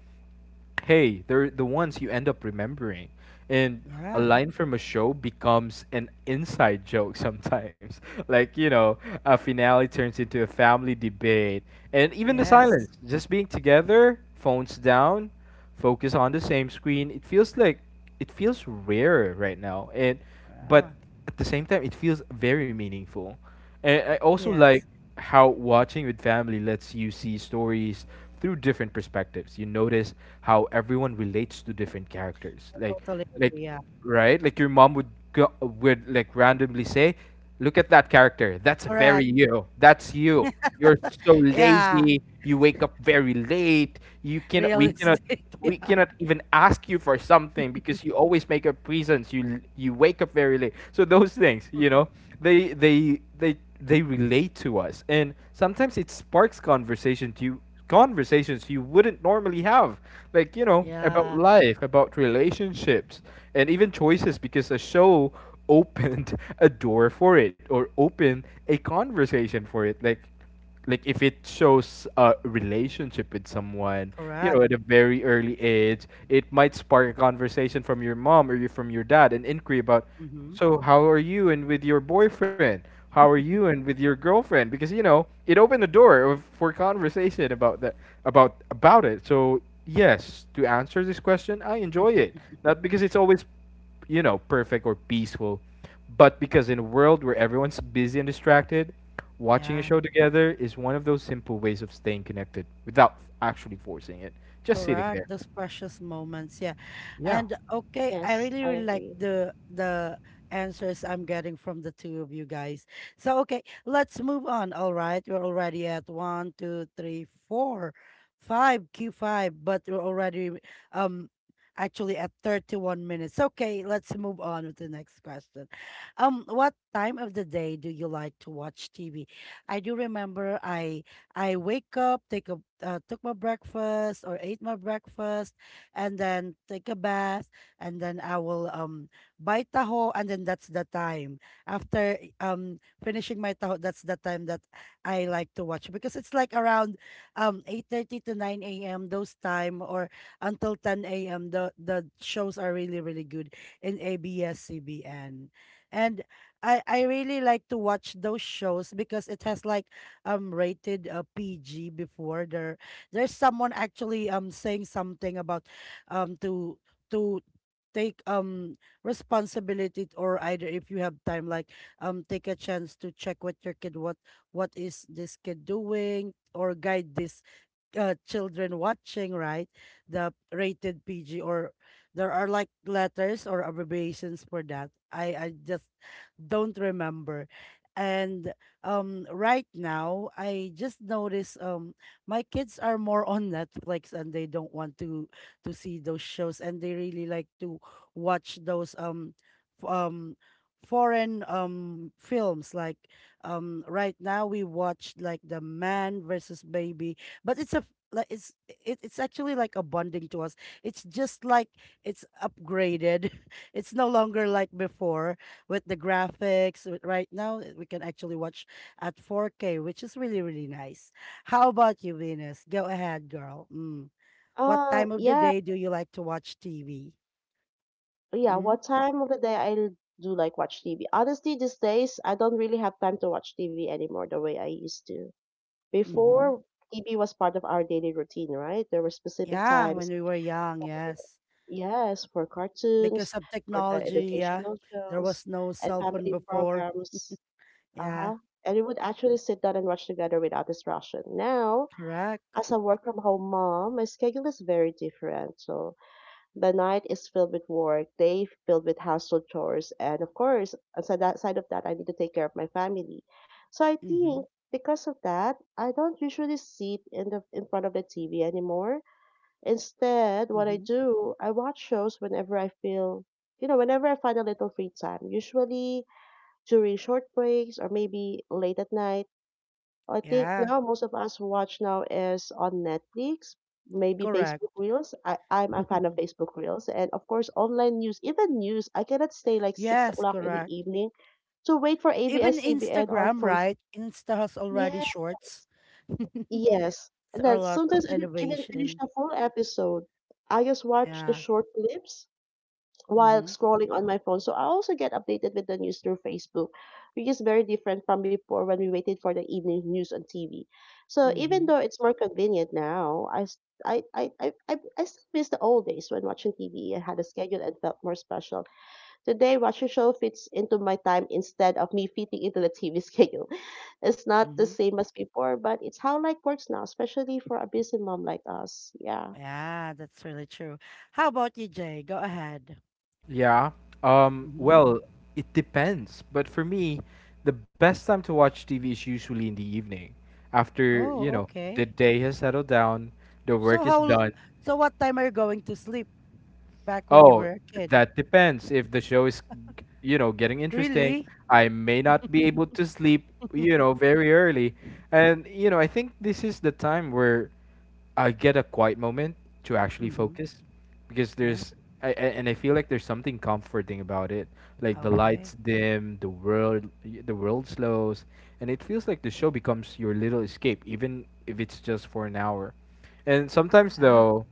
C: hey, they're the ones you end up remembering. And a
B: Yeah.
C: line from a show becomes an inside joke sometimes. Like, you know, a finale turns into a family debate. And even the
B: Yes.
C: silence, just being together, phones down, focus on the same screen. It feels rare right now. And
B: Yeah,
C: but at the same time, it feels very meaningful. And I also like
B: yes.
C: how watching with family lets you see stories through different perspectives. You notice how everyone relates to different characters.
B: I totally
C: Like
B: agree. Yeah.
C: right? Like your mom would would like randomly say, "Look at that character. That's very
B: Correct.
C: you. That's you. You're so
B: Yeah.
C: lazy. You wake up very late. You can we cannot
B: Realistic.
C: We
B: Yeah.
C: cannot even ask you for something because you always make up reasons. You wake up very late." So those things, you know, they relate to us, and sometimes it sparks conversations you wouldn't normally have, like you know, about
B: Yeah.
C: life, about relationships and even choices, because a show opened a door for it, or opened a conversation for it, like if it shows a relationship with someone, you know,
B: Correct.
C: at a very early age, it might spark a conversation from your mom or your dad, an inquiry about,
B: Mhm.
C: so how are you and with your boyfriend? How are you and with your girlfriend? Because you know, it opened the door of, for conversation about that, about it. So yes, to answer this question, I enjoy it, not because it's always, you know, perfect or peaceful, but because in a world where everyone's busy and distracted, watching a
B: Yeah.
C: show together is one of those simple ways of staying connected without actually forcing it. Just sitting
B: Correct.
C: there.
B: Those precious moments. Yeah.
C: Yeah.
B: And okay, I
A: Yes,
B: really,
A: I
B: really like
A: agree.
B: the answers I'm getting from the two of you guys. So okay, let's move on. All right. We're already at one, two, three, four, five, Q five, but we're already um actually at 31 minutes. So, okay, let's move on with the next question. What time of the day do you like to watch TV? I do remember, I wake up, take a took my breakfast or ate my breakfast, and then take a bath, and then I will buy taho, and then that's the time after finishing my taho. That's the time that I like to watch because it's like around 8:30 to 9 a.m., those time, or until 10 a.m. The shows are really, really good in ABS-CBN, and I really like to watch those shows because it has, like, rated PG before. There's someone actually saying something about to to take responsibility, or either, if you have time, like, take a chance to check what your kid, what is this kid doing, or guide this children watching, right? The rated PG, or there are, like, letters or abbreviations for that. I just don't remember. And right now I just notice my kids are more on Netflix, and they don't want to see those shows, and they really like to watch those f- um foreign films, like, right now we watched, like, the Man Versus Baby, but it's a— like, it's, it's actually like a bonding to us. It's just like it's upgraded, it's no longer like before with the graphics, right now we can actually watch at 4K, which is really, really nice. How about you, Venus? Go ahead, girl. Mm. What time of the
A: Yeah.
B: day do you like to watch TV?
A: Yeah,
B: Mm?
A: what time of the day do like watch TV? Honestly, these days I don't really have time to watch TV anymore the way I used to.
B: Mm-hmm.
A: Before, TV was part of our daily routine, right? There were specific
B: Yeah, when
A: times,
B: we were young. Yes,
A: yes, for
B: because
A: cartoons,
B: of
A: for the
B: technology. Yeah,
A: educational
B: there was
A: shows,
B: no
A: and
B: cell phone
A: family
B: before.
A: programs. Uh
B: Yeah,
A: huh. And we would actually sit down and watch together without distraction. Now,
B: correct.
A: as a work from home mom, my schedule is very different. So the night is filled with work, day filled with household chores, and of course, on that side of that, I need to take care of my family. So I
B: Mm-hmm.
A: think because of that, I don't usually sit in the in front of the TV anymore. Instead, what I
B: Mm-hmm.
A: do, I watch shows whenever I feel, whenever I find a little free time. Usually during short breaks or maybe late at night. I think
B: Yeah,
A: now most of us watch now is on Netflix, maybe Facebook
B: correct.
A: Reels. I'm a fan of Facebook Reels. And of course, online news, even news. I cannot stay like six
B: Yes,
A: o'clock in the
B: correct.
A: evening to wait for
B: Even
A: ABS CBN or
B: Instagram,
A: for,
B: right? Insta has
A: yes,
B: already shorts.
A: yes.
B: It's
A: And
B: a
A: then
B: lot
A: sometimes
B: of
A: I don't even finish
B: innovation.
A: the full episode. I just watch the
B: Yeah.
A: short clips while
B: Mm-hmm.
A: scrolling on my phone. So I also get updated with the news through Facebook, which is very different from before when we waited for the evening news on TV. So even
B: Mm-hmm.
A: though it's more convenient now, I s- I still miss the old days when watching TV and had a schedule and felt more special. Today, watching show fits into my time instead of me fitting into the TV schedule. It's not the
B: Mm-hmm.
A: same as before, but it's how life works now, especially for a busy mom like us. Yeah.
B: Yeah, that's really true. How about you, Jay? Go ahead.
C: Yeah.
B: Mm-hmm.
C: Well, it depends. But for me, the best time to watch TV is usually in the evening after, you
B: Oh,
C: know, the
B: okay.
C: day has settled down, the work
B: So
C: is
B: how,
C: done.
B: so what time are you going to sleep back when you
C: Oh,
B: were a kid?
C: that depends. If the show is, you know, getting interesting,
B: Really?
C: I may not be able to sleep, you know, very early. And, you know, I think this is the time where I get a quiet moment to actually
B: Mm-hmm.
C: focus because
B: Yeah.
C: I- and I feel like there's something comforting about it. Like the
B: Okay.
C: lights dim, the world slows, and it feels like the show becomes your little escape, even if it's just for an hour. And sometimes,
B: Yeah.
C: though,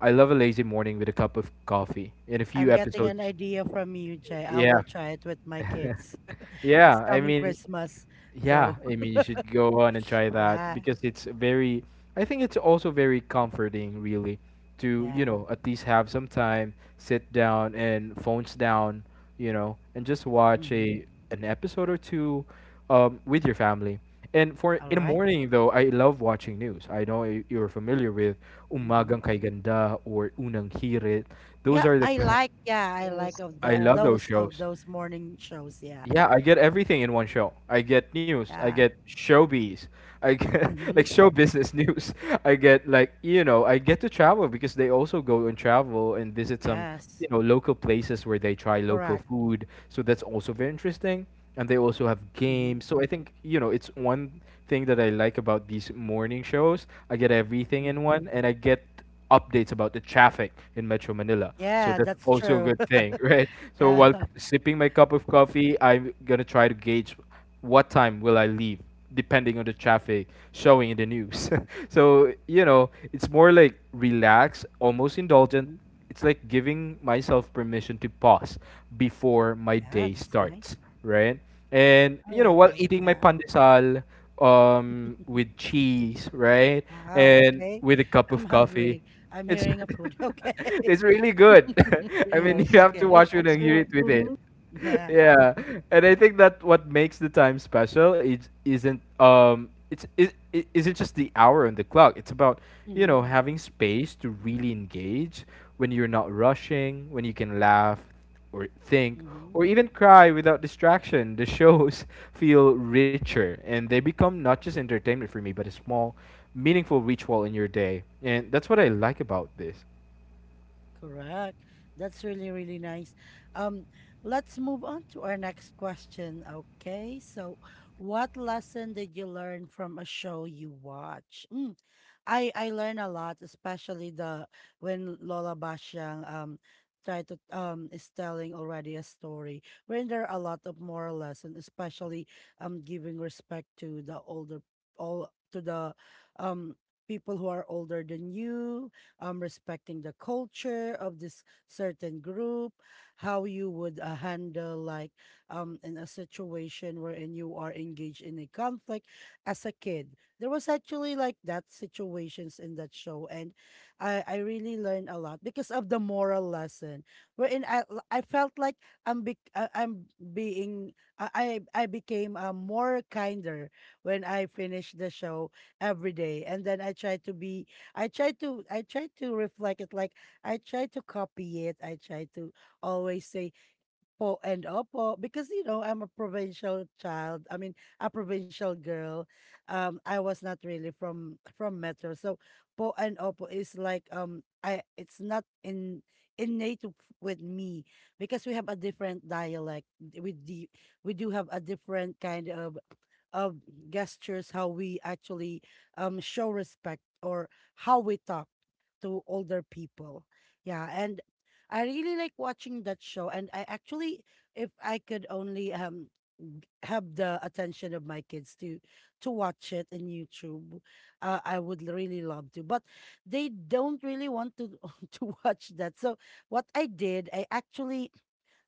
C: I love a lazy morning with a cup of coffee in a
B: I'm
C: few
B: getting an
C: episodes.
B: idea from you, Jay. I
C: Yeah,
B: will try it with my kids
C: yeah.
B: this
C: I
B: coming
C: mean,
B: Christmas.
C: yeah,
B: Go.
C: I mean, you should go on and try that
B: Yeah.
C: because it's very, I think it's also very comforting, really, to, you
B: Yeah.
C: know, at least have some time, sit down and phones down, you know, and just watch
B: Mm-hmm.
C: a an episode or two with your family. And for
B: All
C: in the
B: right.
C: morning though, I love watching news. I know you're familiar with
B: Mm-hmm.
C: Umagang Kay Ganda or Unang Hirit. Those
B: Yeah,
C: are the
B: I
C: ki-
B: like. Yeah, I like
A: Yes.
B: of
C: I
B: that,
A: Yes.
C: love those
B: those of
C: shows.
B: those morning shows. Yeah.
C: Yeah, I get everything in one show. I get news. I
B: Yeah.
C: get showbiz. I get
B: Mm-hmm.
C: like show business news. I get like, you know, I get to travel because they also go and travel and visit some,
B: Yes.
C: you know, local places where they try local
B: Correct.
C: food. So that's also very interesting. And they also have
B: Mm-hmm.
C: games. So I think, you know, it's one thing that I like about these morning shows. I get everything in
B: Mm-hmm.
C: one, and I get updates about the traffic in Metro Manila. So
B: Yeah,
C: that's
B: that's
C: also a
B: true.
C: good thing, right? So
B: Yeah.
C: while sipping my cup of coffee, I'm gonna try to gauge what time will I leave, depending on the traffic showing in the news. So you know, it's more like relaxed, almost indulgent.
B: Mm-hmm.
C: It's like giving myself permission to pause before my
B: Yeah,
C: day
B: that's
C: starts,
B: nice.
C: right? And
B: I
C: you know,
B: like
C: while
B: it.
C: eating my
B: Yeah.
C: pandesal with cheese, right?
B: Wow.
C: And
B: Okay.
C: with a cup
B: I'm
C: of coffee.
B: hungry. I'm
C: It's
B: hearing a food. Okay.
C: it's really good. I mean, you
A: Yes.
C: have to
B: Okay.
A: Yes,
C: watch it
A: that's
C: and hear
A: true.
C: it with it.
A: Mm-hmm.
B: Yeah.
C: Yeah, and I think that what makes the time special is isn't it's is it isn't just the hour on the clock. It's about, you
B: Mm-hmm.
C: know, having space to really engage, when you're not rushing, when you can laugh or think
B: Mm-hmm.
C: or even cry without distraction. The shows feel richer, and they become not just entertainment for me but a small meaningful ritual in your day. And that's what I like about this.
B: Correct. That's really, really nice. Um, let's move on to our next question. Okay. So, what lesson did you learn from a show you watch? Mm, I learn a lot, especially the when Lola Basyang tried to, is telling already a story. When there are a lot of moral lesson, especially giving respect to the older, all, to the um people who are older than you, respecting the culture of this certain group, how you would handle, like, in a situation wherein you are engaged in a conflict as a kid. There was actually like that situations in that show, and I really learned a lot because of the moral lesson, wherein I felt like I'm being, I became more kinder when I finished the show every day, and then I try to reflect it, like I try to copy it. I try to always say "Po" and "opo," because I'm a provincial child I mean, a provincial girl. I was not really from metro, so po and opo is like I it's not in innate with me because we have a different dialect. We do have a different kind of gestures how we actually show respect or how we talk to older people. Yeah, and I really like watching that show, and I actually, if I could only have the attention of my kids to watch it in YouTube, I would really love to. But they don't really want to to watch that. So what I did, I actually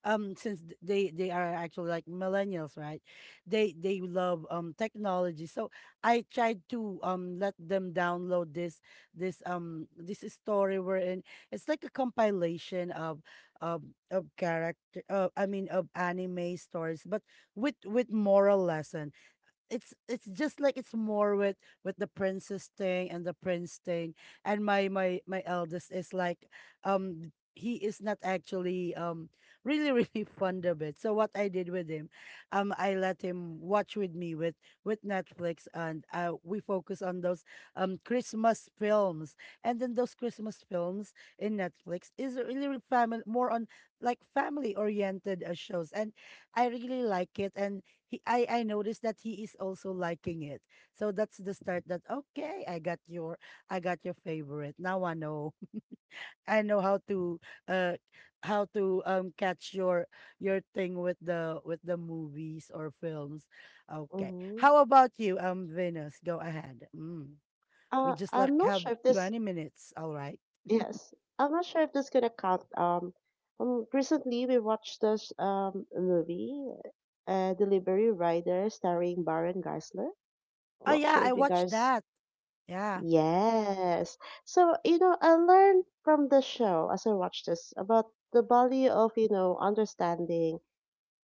B: since they are actually like millennials, right? They love technology, so I tried to let them download this story wherein it's like a compilation of of character, I mean, of anime stories, but with moral lessons. It's just like it's more with the princess thing and the prince thing, and my eldest is like, he is not actually really really fond of it. So what I did with him, I let him watch with me with Netflix, and we focus on those Christmas films, and then those Christmas films in Netflix is really family, more on like family oriented shows, and I really like it, and he I noticed that he is also liking it. So that's the start that, okay, I got your favorite. Now I know. I know uh how to catch your thing with the movies or films. Okay.
A: Mhm.
B: How about you, Venus? Go ahead. Mm. We just like
A: I'm not
B: have
A: sure if this,
B: 20 minutes, all right?
A: yes, I'm not sure if this gonna count. Recently we watched this movie, Delivery Rider, starring Baron Geisler.
B: Oh
A: Not
B: yeah,
A: sure
B: I
A: if you
B: watched
A: guys,
B: that. Yeah.
A: yes. So, you know, I learned from the show as I watched this about the value of, you know, understanding,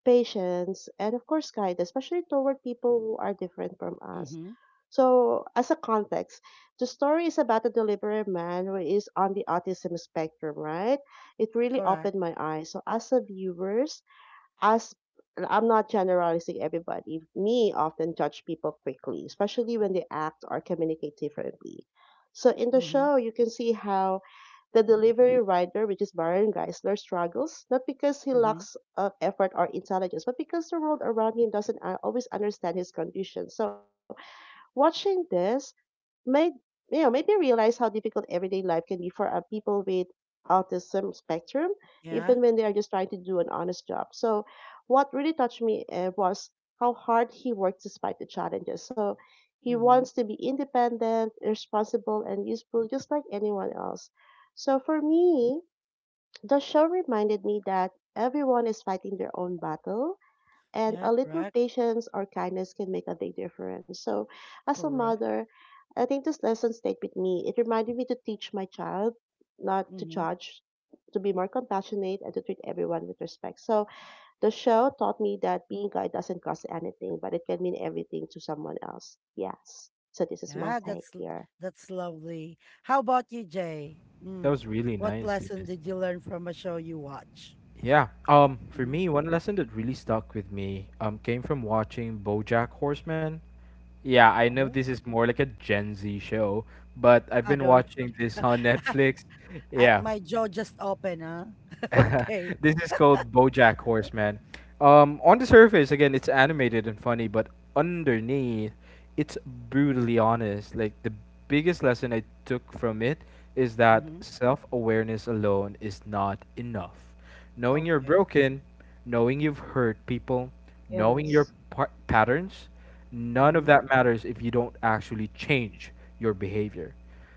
A: patience, and of course, kindness, especially toward people who are different from us.
B: Mhm.
A: So, as a context, the story is about a delivery man who is on the autism spectrum, right? It really
B: Correct.
A: opened my eyes. So, as a viewers, as I'm not generalizing everybody. Me often judge people quickly, especially when they act or communicate differently. So in the
B: Mhm.
A: show, you can see how the delivery rider, which is Baron Geisler, struggles not because he
B: Mhm.
A: lacks effort or intelligence, but because the world around him doesn't always understand his condition. So watching this made made me realize how difficult everyday life can be for people with autism spectrum,
B: Yeah.
A: even when they are just trying to do an honest job. So, what really touched me was how hard he worked despite the challenges. So, he wants
B: Mhm.
A: to be independent, responsible, and useful, just like anyone else. So, for me, the show reminded me that everyone is fighting their own battle and
B: Yeah,
A: a little
B: correct.
A: patience or kindness can make a big difference. So, as a
B: Correct.
A: mother, I think this lesson stayed with me. It reminded me to teach my child not to
B: Mhm.
A: judge, to be more compassionate, and to treat everyone with respect. So, the show taught me that being kind doesn't cost anything, but it can mean everything to someone else. Yes. So, this is my
B: Ah,
A: take here.
B: that's lovely. How about you, Jay?
C: That
B: Mm.
C: was really
B: What
C: nice,
B: lesson
C: Venus.
B: did you learn from a show you watch?
C: Yeah. For
B: Mhm.
C: me, one lesson that really stuck with me came from watching BoJack Horseman. Yeah, I know
B: Oh,
C: this is more like a Gen Z show, but I've
B: I
C: been
B: don't
C: watching this
B: know.
C: on Netflix. Yeah.
B: My jaw just opened, huh? Okay.
C: This is called BoJack Horseman. On the surface, again, it's animated and funny, but underneath, it's brutally honest. Like the biggest lesson I took from it is that
B: Mm-hmm.
C: self-awareness alone is not enough. Knowing you're
B: Okay.
C: broken, knowing you've hurt people, knowing your
A: Yes.
C: patterns, none of
B: Mm-hmm.
C: that matters if you don't actually change your behavior.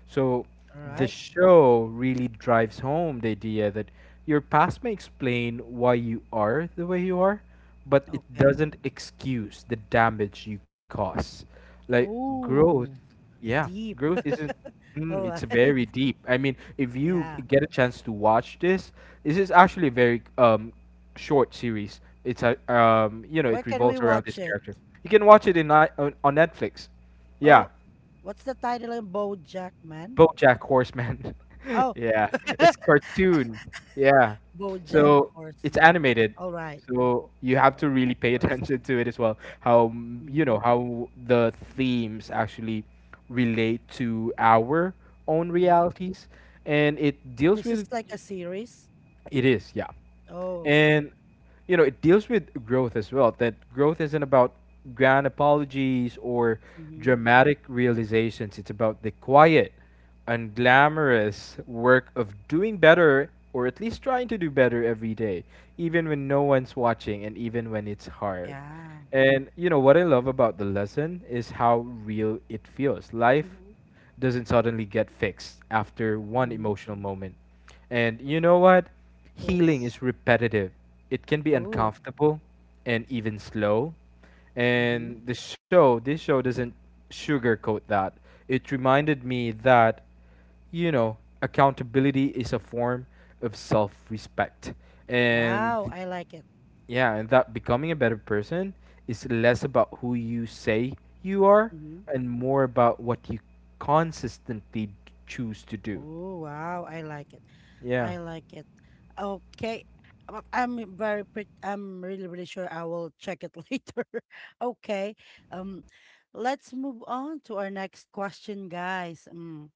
C: So
B: All
C: the
B: right.
C: show really drives home the idea that your past may explain why you are the way you are, but it
B: Okay.
C: doesn't excuse the damage you cause. Like growth.
B: Oh,
C: Yeah, growth
B: deep.
C: isn't. Mm,
B: All
C: it's
B: right.
C: very deep. I mean, if you
B: Yeah.
C: get a chance to watch this, this is actually a very short series. It's a you know,
B: Where
C: it
B: can we
C: revolves around
B: watch
C: this
B: it?
C: character. You can watch it on Netflix. Yeah,
B: Oh, what's the title in BoJack Man?
C: BoJack Horseman.
B: Oh,
C: Yeah, it's cartoon. Yeah,
B: BoJack
C: so it's
B: Horseman.
C: animated.
B: All right.
C: So you have to really
B: BoJack
C: pay attention
B: Horseman.
C: to it as well. How you
B: Mm-hmm.
C: know, how the themes actually relate to our own
B: Mm-hmm.
C: realities, and it deals
B: This is
C: with
B: like a series.
C: it is, yeah.
B: Oh, okay.
C: And you know, it deals with growth as well, that growth isn't about grand apologies or
B: Mm-hmm.
C: dramatic realizations. It's about the quiet, unglamorous work of doing better, or at least trying to do better every day, even when no one's watching and even when it's hard.
B: Yeah.
C: And you know what I love about the lesson is how real it feels. Life
A: Mm-hmm.
C: doesn't suddenly get fixed after one
B: Mm-hmm.
C: emotional moment. And you know what? Healing is
A: Yes.
C: repetitive. It can be
B: Oh.
C: uncomfortable and even slow.
B: Mm-hmm.
C: And this show doesn't sugarcoat that. It reminded me that, you know,
A: Mhm.
C: accountability is a form of self respect. And
B: Wow, I like it.
C: yeah, and that becoming a better person is less about who you say you are
B: Mm-hmm.
C: and more about what you consistently choose to do.
B: Oh, wow, I like it.
C: Yeah.
B: I like it. Okay. I'm very pret I'm really, really sure I will check it later. Okay. Um, let's move on to our next question, guys. Mm.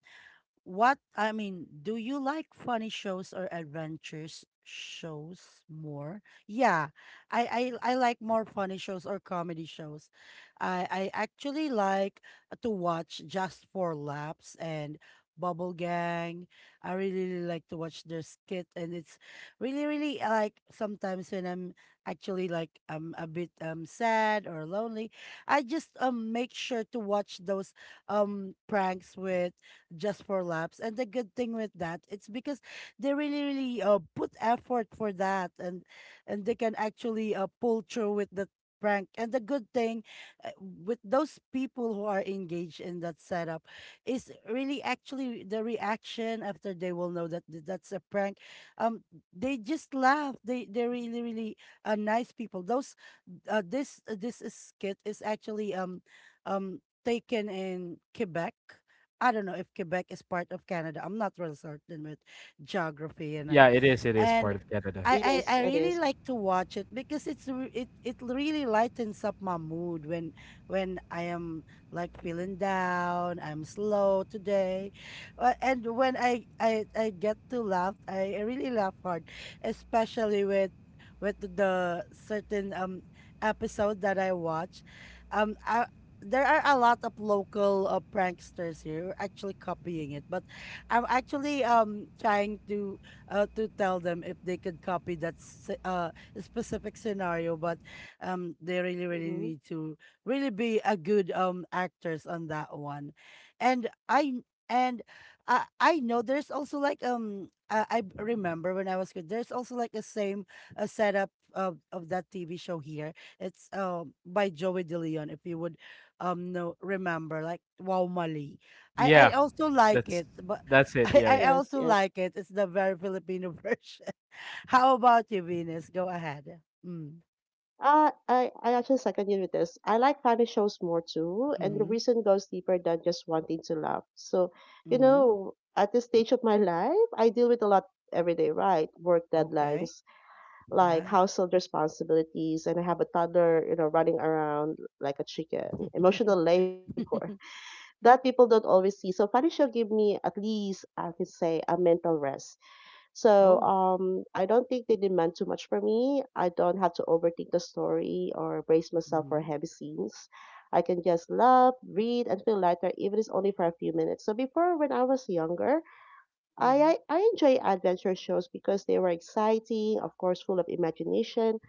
B: What I mean, do you like funny shows or adventures shows more? Yeah, I like more funny shows or comedy shows. I actually like to watch Just for Laughs and Bubble Gang. I really, really like to watch their skit, and it's really really like sometimes when I'm actually like I'm a bit sad or lonely, I just make sure to watch those pranks with Just for Laps. And the good thing with that, it's because they really, really put effort for that, and they can actually pull through with the prank. And the good thing with those people who are engaged in that setup is really actually the reaction after they will know that that's a prank. Um, they just laugh. They're really, really nice people. Those this This is skit is actually um taken in Quebec. I don't know if Quebec is part of Canada. I'm not real certain with geography,
C: Yeah, it is. It is part
B: and
C: of Canada.
A: It
B: I
A: is. It
B: really
A: is.
B: like to watch it because it really lightens up my mood when I am like feeling down. I'm slow today. And when I get to laugh, I really laugh hard, especially with the certain episode that I watch, I. There are a lot of local pranksters here who are actually copying it, but I'm actually trying to tell them if they could copy that specific scenario, but they really, really
A: Mm-hmm.
B: need to really be a good actors on that one. And I and I know there's also like I remember when I was kid there's also like a same a setup of that TV show here. It's by Joey De Leon if you would know remember like Wow Mali. I
C: Yeah,
B: also like
C: that's
B: it, but
C: it.
B: I,
C: Yeah,
B: I
C: yeah.
A: Yes.
B: also
A: Yes.
B: like it. It's the very Filipino version. How about you, Venus? Go ahead. Mm.
A: I actually second you with this. I like funny shows more too, and the
B: Mm-hmm.
A: reason goes deeper than just wanting to laugh. So, you
B: Mm-hmm.
A: know, at this stage of my life, I deal with a lot every day, right? Work
B: Okay.
A: deadlines, like
B: Yeah.
A: household responsibilities, and I have a toddler, you know, running around like a chicken. Emotional labor that people don't always see. So, funny show give me at least I can say a mental rest so
B: oh.
A: I don't think they demand too much from me. I don't have to overthink the story or brace myself for
B: Mm-hmm.
A: heavy scenes. I can just love, read, and feel lighter, even if it's only for a few minutes. So before, when I was younger, I,
B: Mm-hmm.
A: I, I enjoy adventure shows because they were exciting, of course, full of imagination.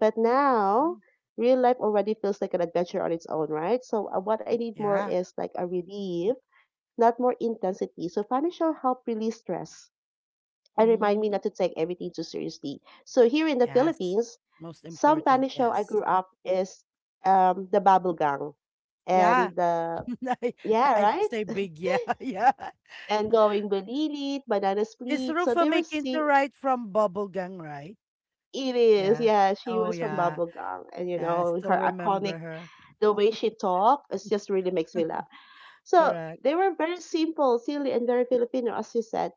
A: But now,
B: mm
A: real life already feels like an adventure on its own, right? So what I need more
B: Yeah.
A: is like a relief, not more intensity. So funny show help release stress and remind me
B: Mm-hmm.
A: not to take everything too seriously. So here in the
B: Yes.
A: Philippines,
B: Most
A: some
B: important.
A: Spanish show I
B: Yes.
A: grew up is the Babblegang
B: Yeah.
A: and the
B: I,
A: yeah
B: I
A: right
B: say big yeah. Yeah.
A: and going Balilit, Banana
B: Is
A: Split. So
B: Rufa
A: there was
B: making to
A: she.
B: right from Bubble Gang, right?
A: It is
B: Yeah.
A: yeah. She
B: Oh
A: was from
B: yeah.
A: Bubblegang, and you
B: Yeah. I
A: know
B: still
A: her iconic
B: remember her.
A: the way she talked. It just really makes me laugh. So
B: Correct.
A: they were very simple, silly, and very Filipino, as you said.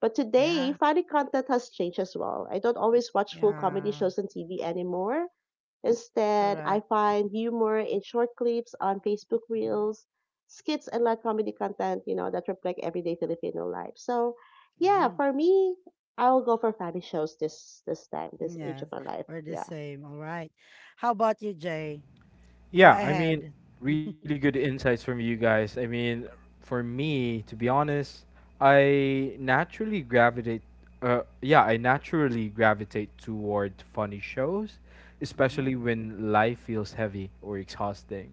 A: But today,
B: Yeah.
A: funny content has changed as well. I don't always watch full comedy
B: Yeah,
A: shows on TV anymore. Instead, I
B: correct.
A: find humor in short clips on Facebook
B: Hmm.
A: Reels, skits, and live comedy content, you know, that reflect everyday Filipino life. So, yeah,
B: Hmm.
A: for me, I will go for family shows this time, this age
B: Yes,
A: of my life.
B: we're the
A: Yeah.
B: same. All right. How about you, Jay? Go
C: Yeah, I mean,
B: ahead.
C: really good insights from you guys. I mean, for me, to be honest, I naturally gravitate. Yeah, I naturally gravitate toward funny shows,
B: Mm-hmm.
C: especially when life feels heavy or exhausting.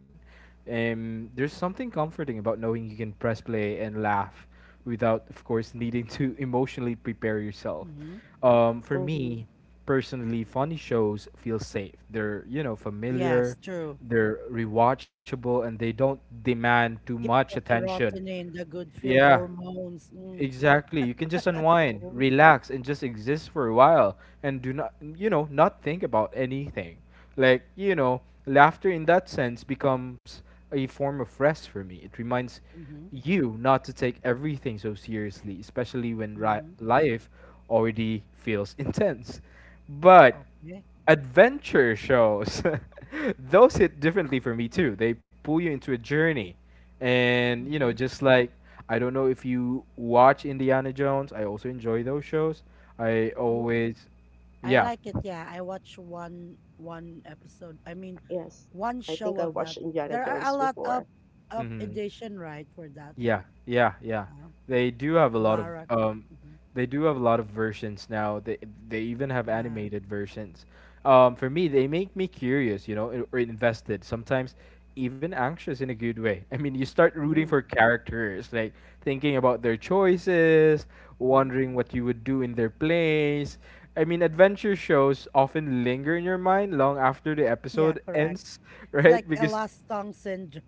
C: There's something comforting about knowing you can press play and laugh without, of course, needing to emotionally prepare yourself.
B: Mm-hmm.
C: For
A: Mm-hmm.
C: me, personally, funny shows feel safe. They're, you know,
B: Yes,
C: familiar,
B: true.
C: they're rewatchable, and they don't demand too
B: It's
C: much
B: giving us
C: attention.
B: serotonin, the good feel
C: Yeah.
B: hormones. Mm.
C: Exactly. You can just unwind,
A: Mm-hmm.
C: relax, and just exist for a while and do not, not think about anything. Laughter in that sense becomes a form of rest for me. It reminds
B: Mm-hmm.
C: you not to take everything so seriously, especially when
B: Mm-hmm.
C: life already feels intense. But
B: Okay.
C: adventure shows those hit differently for me too. They pull you into a journey, and you
B: Mm-hmm.
C: know just like I don't know if you watch Indiana Jones. I also enjoy those shows. I
A: Mm-hmm.
C: always,
B: I
C: yeah.
B: like it. Yeah, I watched one episode. I mean,
A: Yes.
B: one
A: I
B: show
A: think I
B: of that.
A: watched Indiana
B: There are a
A: Jones
B: lot of
A: before.
B: up
C: Hmm.
B: edition, right, for that.
C: Yeah, yeah, yeah.
B: Uh,
C: They do have a lot of
B: Lara. Mm-hmm.
C: they do have a lot of versions now. They even have
B: Yeah.
C: animated versions. Um, for me, they make me curious, you know, or invested, sometimes even anxious in a good way. I mean, you start rooting for
B: Mm,
C: characters, like thinking about their choices,
B: mhm.
C: wondering what you would do in their place. I mean, adventure shows often linger in your mind long after the
B: Yeah,
C: episode
B: correct.
C: ends,
B: It's
C: right?
B: like a
C: Because
B: lost song syndrome.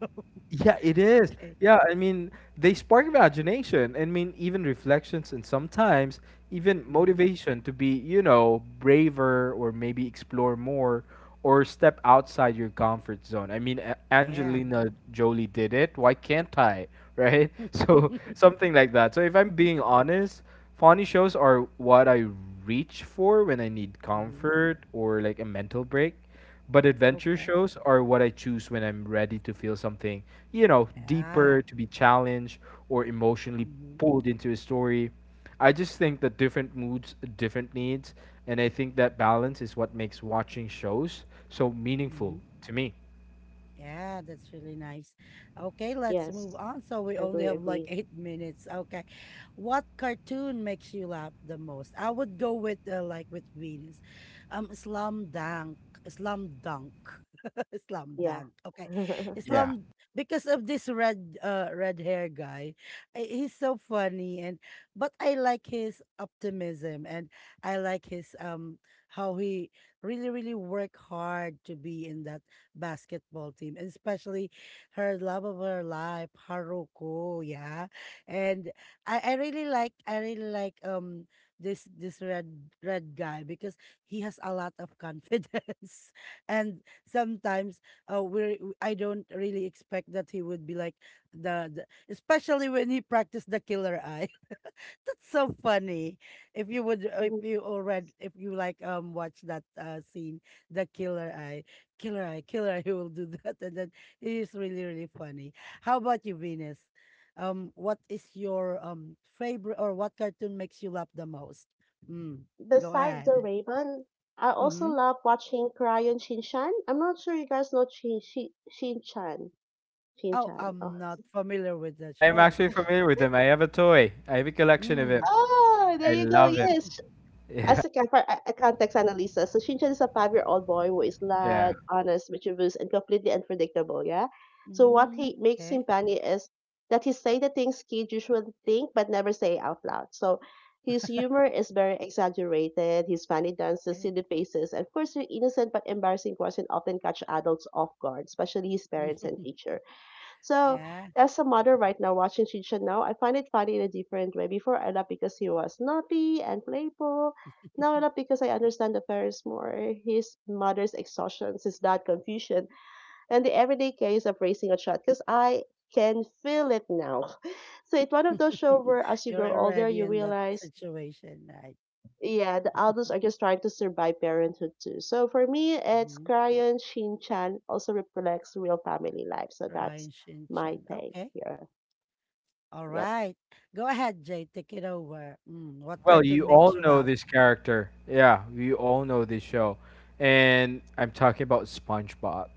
C: yeah, it is.
B: Okay.
C: Yeah, I mean, they spark imagination. I mean, even reflections and sometimes even
B: Hmm.
C: motivation to be, you know, braver or maybe explore more or step outside your comfort zone. I mean,
B: Yeah.
C: Angelina Jolie did it. Why can't I? Right? So, something like that. So, if I'm being honest, funny shows are what I reach for when I need
B: Hmm.
C: comfort or like a mental break. But adventure
B: Okay.
C: shows are what I choose when I'm ready to feel something, you know, deeper,
B: Ah.
C: to be challenged, or emotionally
B: Hmm.
C: pulled into a story. I just think that different moods, different needs, and I think that balance is what makes watching shows so meaningful
B: Hmm.
C: to me.
B: Yeah, that's really nice. Okay, let's
A: Yes.
B: move on. So we
A: Agree,
B: only have like
A: agree.
B: 8 minutes. Okay. What cartoon makes you laugh the most? I would go with like with Venus. Slam Dunk. Slam Dunk. Slam
A: Yeah.
B: Dunk. Okay.
A: mm-hmm.
C: Yeah.
B: Slam because of this red red hair guy. He's so funny, and but I like his optimism, and I like his how he really really work hard to be in that basketball team, and especially her love of her life, Haruko. Yeah, and I really like this red red guy because he has a lot of confidence, and sometimes we I don't really expect that he would be like the especially when he practiced the killer eye. That's so funny. If you would, if you already, If you like, watch that scene, the killer eye, killer eye, killer eye, he will do that, and then it is really, really funny. How about you, Venus? What is your favorite, or what cartoon makes you laugh the most? Mm, go
A: Besides the
B: ahead.
A: Raven, I also
B: Mm-hmm.
A: love watching Crayon Shinchan. I'm not sure you guys know Shinchan.
B: Oh,
A: Shinchan.
B: I'm
A: Oh.
B: not familiar with the
C: I am
B: show.
C: actually familiar with him. I have a toy, I have a collection of him.
B: Mm,
A: Ah, there
C: I
A: you go.
C: love him.
A: Yes,
C: Yeah.
A: as a camper, I contact Annalisa. So Shinchan is a 5-year-old boy who is
C: Yeah.
A: loud, honest, mischievous, and completely unpredictable. Yeah. So what he
B: mm,
A: makes him
B: okay,
A: funny is that he say the things kids usually think but never say out loud. So his humor is very exaggerated. His funny dances,
B: okay.
A: silly faces, and of course, the innocent but embarrassing question often catch adults off guard, especially his parents and teacher. So,
B: Yeah.
A: as a mother right now watching Shinchan now, I find it funny in a different way. Before I love because he was naughty and playful. Now I love because I understand the parents more, his mother's exhaustion, his dad confusion, and the everyday case of raising a child. Because I can feel it now. So it's one of those shows where as you
B: You're
A: grow older,
B: already
A: you
B: in that
A: realize,
B: situation. I
A: yeah, the adults are just trying to survive parenthood too. So for me, it's
B: Mhm.
A: Crayon Shin-chan also reflects real family life. So that's
B: Right,
A: my
B: Shin-chan.
A: take
B: Okay.
A: here.
B: All
A: Yep.
B: right. Go ahead, Jay. Take it over. Mm, what
C: Well, you
B: cartoon makes
C: all
B: you
C: know
B: laugh?
C: this character. Yeah, you all know this show. And I'm talking about SpongeBob.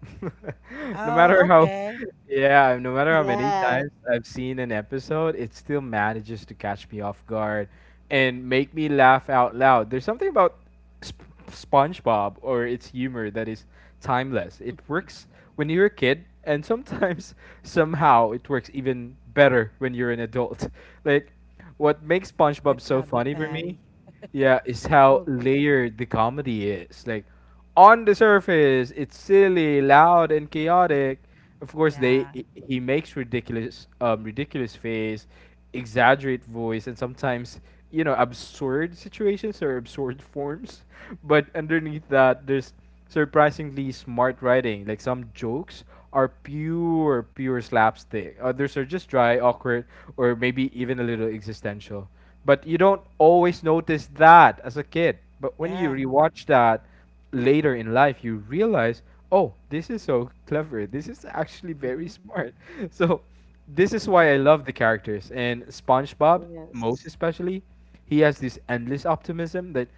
C: No matter
B: Oh,
C: how,
B: okay.
C: yeah, no matter how many
A: Yes.
C: times I've seen an episode, it still manages to catch me off guard and make me laugh out loud. There's something about SpongeBob or its humor that is timeless. It works when you're a kid, and sometimes somehow it works even better when you're an adult. Like, what makes
B: The
C: SpongeBob so
B: Krabby
C: funny for me,
B: Patty.
C: yeah, is how
B: Okay.
C: layered the comedy is. Like, on the surface, it's silly, loud, and chaotic. Of course, they
B: Yeah.
C: he makes ridiculous, ridiculous face, exaggerate voice, and sometimes you know absurd situations or absurd forms. But underneath that, there's surprisingly smart writing. Like some jokes are pure slapstick. Others are just dry, awkward, or maybe even a little existential. But you don't always notice that as a kid. But when you
B: Yeah.
C: rewatch that later in life, you realize, oh, this is so clever. This is actually
B: Mm-hmm.
C: very smart. So this is why I love the characters. And SpongeBob, most
A: Yes.
C: especially, he has this endless optimism that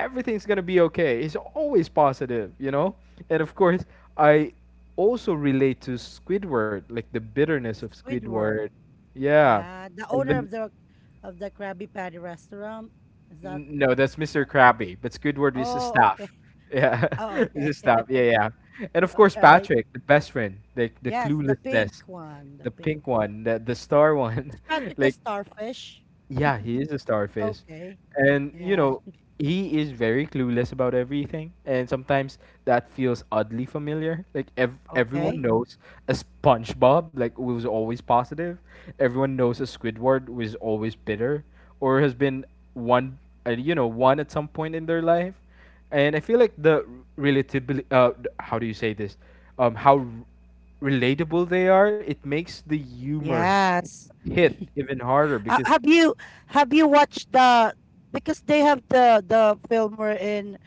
C: everything's gonna be okay. He's always positive, you know? And of course, I also relate to Squidward, like the bitterness of Squidward.
B: Squidward.
C: Yeah.
B: Yeah. The
C: And
B: owner
C: then
B: of the Krabby Patty restaurant. Is that
C: No, that's Mr.
B: uh,
C: Krabby, but Squidward is his
B: oh, okay.
C: staff. Yeah,
B: Oh,
C: is
B: okay.
C: his staff. Yeah, yeah. And of
B: All
C: course,
B: right.
C: Patrick, the best friend, the
B: Yes, the pink
C: cluelessness,
B: one. The
C: the
B: pink.
C: pink one, the star
B: Is
C: one,
B: Patrick a
C: like
B: starfish?
C: yeah, he is a starfish.
B: Okay.
C: And, you
B: Yeah.
C: know, he is very clueless about everything. And sometimes that feels oddly familiar. Like, everyone
B: Okay.
C: knows a SpongeBob, like, who was always positive. Everyone knows a Squidward, who is always bitter or has been one, you know, one at some point in their life. And I feel like the relatability, how do you say this? Um, how r- relatable they are, it makes the humor
B: Yes.
C: hit even harder
B: Uh,
C: because
B: have you have you watched the, because they have the film,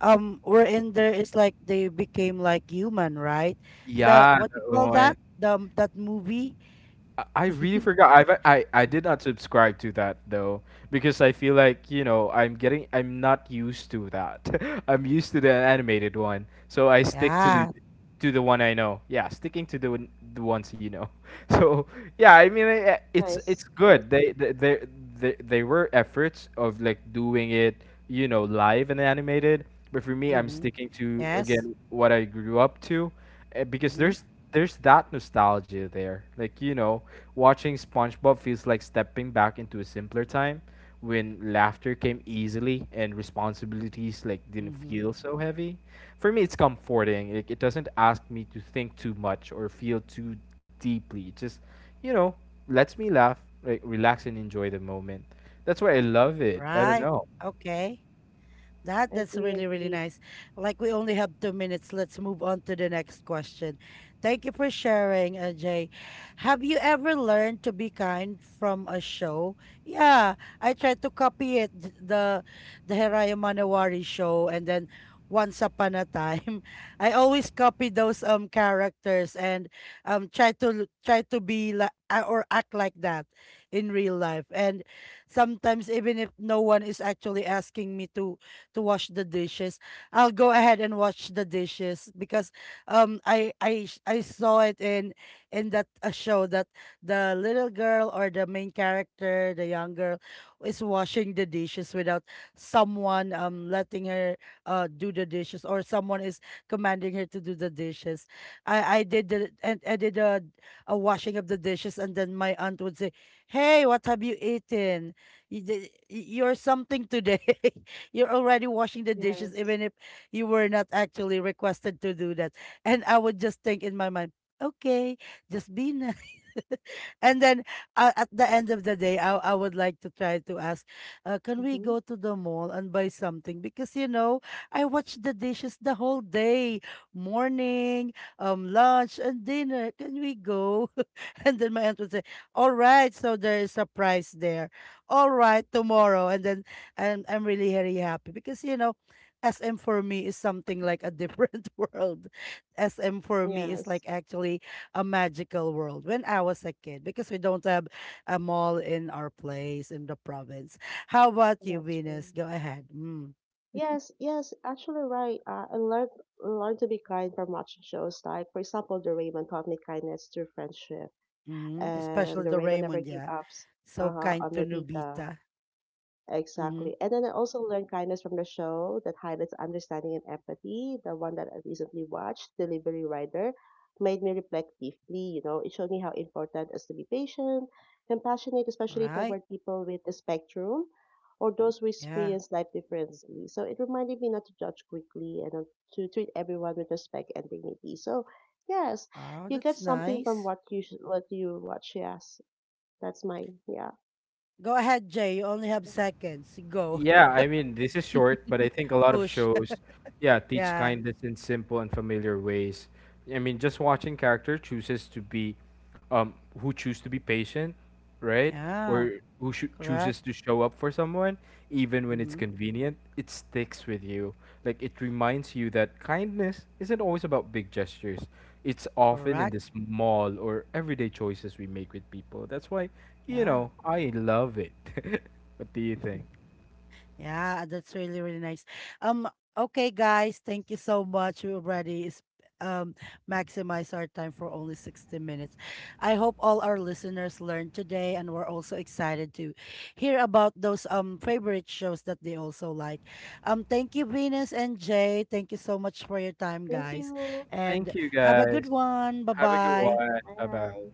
B: we in there is like they became like human, right? The
C: yeah,
B: What you
C: that
B: call
C: one.
B: that? The That movie?
C: I really forgot. I did not subscribe to that though because I feel like you know I'm not used to that. I'm used to the animated one, so I stick
B: Yeah.
C: to the one I know. Yeah, sticking to the ones you know. So yeah, I mean, it's
A: Nice. Nice.
C: good they were efforts of like doing it, you know, live and animated. But for me, I'm
B: Mhm.
C: sticking to
B: Yes.
C: again what I grew up to, because
B: Mhm.
C: there's that nostalgia there, like, you know, watching SpongeBob feels like stepping back into a simpler time when laughter came easily and responsibilities like didn't
B: Mhm.
C: feel so heavy. For me, it's comforting. Like it doesn't ask me to think too much or feel too deeply. It just, you know, lets me laugh, like relax and enjoy the moment. That's why I love it. I don't
B: Right.
C: know.
B: Okay. That's
A: Agree.
B: really really
A: Agree.
B: nice. Like we only have 2 minutes. Let's move on to the next question. Thank you for sharing, Jay. Have you ever learned to be kind from a show? Yeah, I tried to copy it, the Heraya Manowari show, and then Once Upon a Time, I always copy those characters and try to be like or act like that in real life. And sometimes, even if no one is actually asking me to wash the dishes. I'll go ahead and wash the dishes because I saw it in that a show, that the little girl, or the main character, the young girl, is washing the dishes without someone letting her do the dishes, or someone is commanding her to do the dishes. I did a washing of the dishes, and then my aunt would say, "Hey, what have you eaten? You're something today." You're already washing the dishes,
A: Yes.
B: even if you were not actually requested to do that. And I would just think in my mind, okay, just be nice. And then at the end of the day, I would like to try to ask, can we
A: Mm-hmm.
B: go to the mall and buy something? Because, I watched the dishes the whole day, morning, lunch, and dinner. Can we go? And then my aunt would say, all right, so there is a price there. All right, tomorrow. And then I'm really very happy because, SM for me is something like a different world. SM for me is
A: Yes.
B: like actually a magical world when I was a kid, because we don't have a mall in our place in the province. How about you,
A: That's
B: Venus?
A: true.
B: Go ahead. Mm.
A: Yes. Yes. Actually, right. I learned to be kind from watching shows like, for example, The Raymond taught me kindness through friendship,
B: Hmm.
A: and
B: Especially
A: The
B: the
A: Raymond never
B: Raymond,
A: gave
B: yeah.
A: up
B: So kind
A: on
B: to
A: Nabita.
B: Nubita. Mm-hmm.
A: Exactly. And then I also learned kindness from the show that highlights understanding and empathy. The one that I recently watched, Delivery Rider, made me reflect deeply. You know, it showed me how important it is to be patient, compassionate, especially
B: Right?
A: toward people with the spectrum or those who
B: Yeah.
A: experience life differently. So it reminded me not to judge quickly and not to treat everyone with respect and dignity. So, yes,
B: Wow,
A: you get
B: that's
A: something from
B: nice.
A: what you watch. Yes, that's my, yeah.
B: Go ahead, Jay. You only have seconds. Go.
C: Yeah, I mean, this is short, but I think a lot of
B: Push.
C: shows, yeah, teach
B: Yeah.
C: kindness in simple and familiar ways. I mean, just watching character chooses to be, who choose to be patient, right?
B: Yeah.
C: Or
B: Correct.
C: chooses to show up for someone, even when it's
B: Mm-hmm.
C: convenient, it sticks with you. Like, it reminds you that kindness isn't always about big gestures. It's often in
B: Correct.
C: the small or everyday choices we make with people. That's why, you
B: Yeah.
C: know, I love it. What do you think?
B: Yeah, that's really, really nice. Um, okay, guys, thank you so much. We already is um maximize our time for only 60 minutes. I hope all our listeners learned today, and we're also excited to hear about those favorite shows that they also like. Thank you, Venus and Jay. Thank you so much for your time,
A: Thank
B: guys.
A: you.
B: And
C: Thank you
B: have a good
C: guys.
B: one. Bye
C: Have a good
B: bye.
C: one. Bye bye.
A: Bye.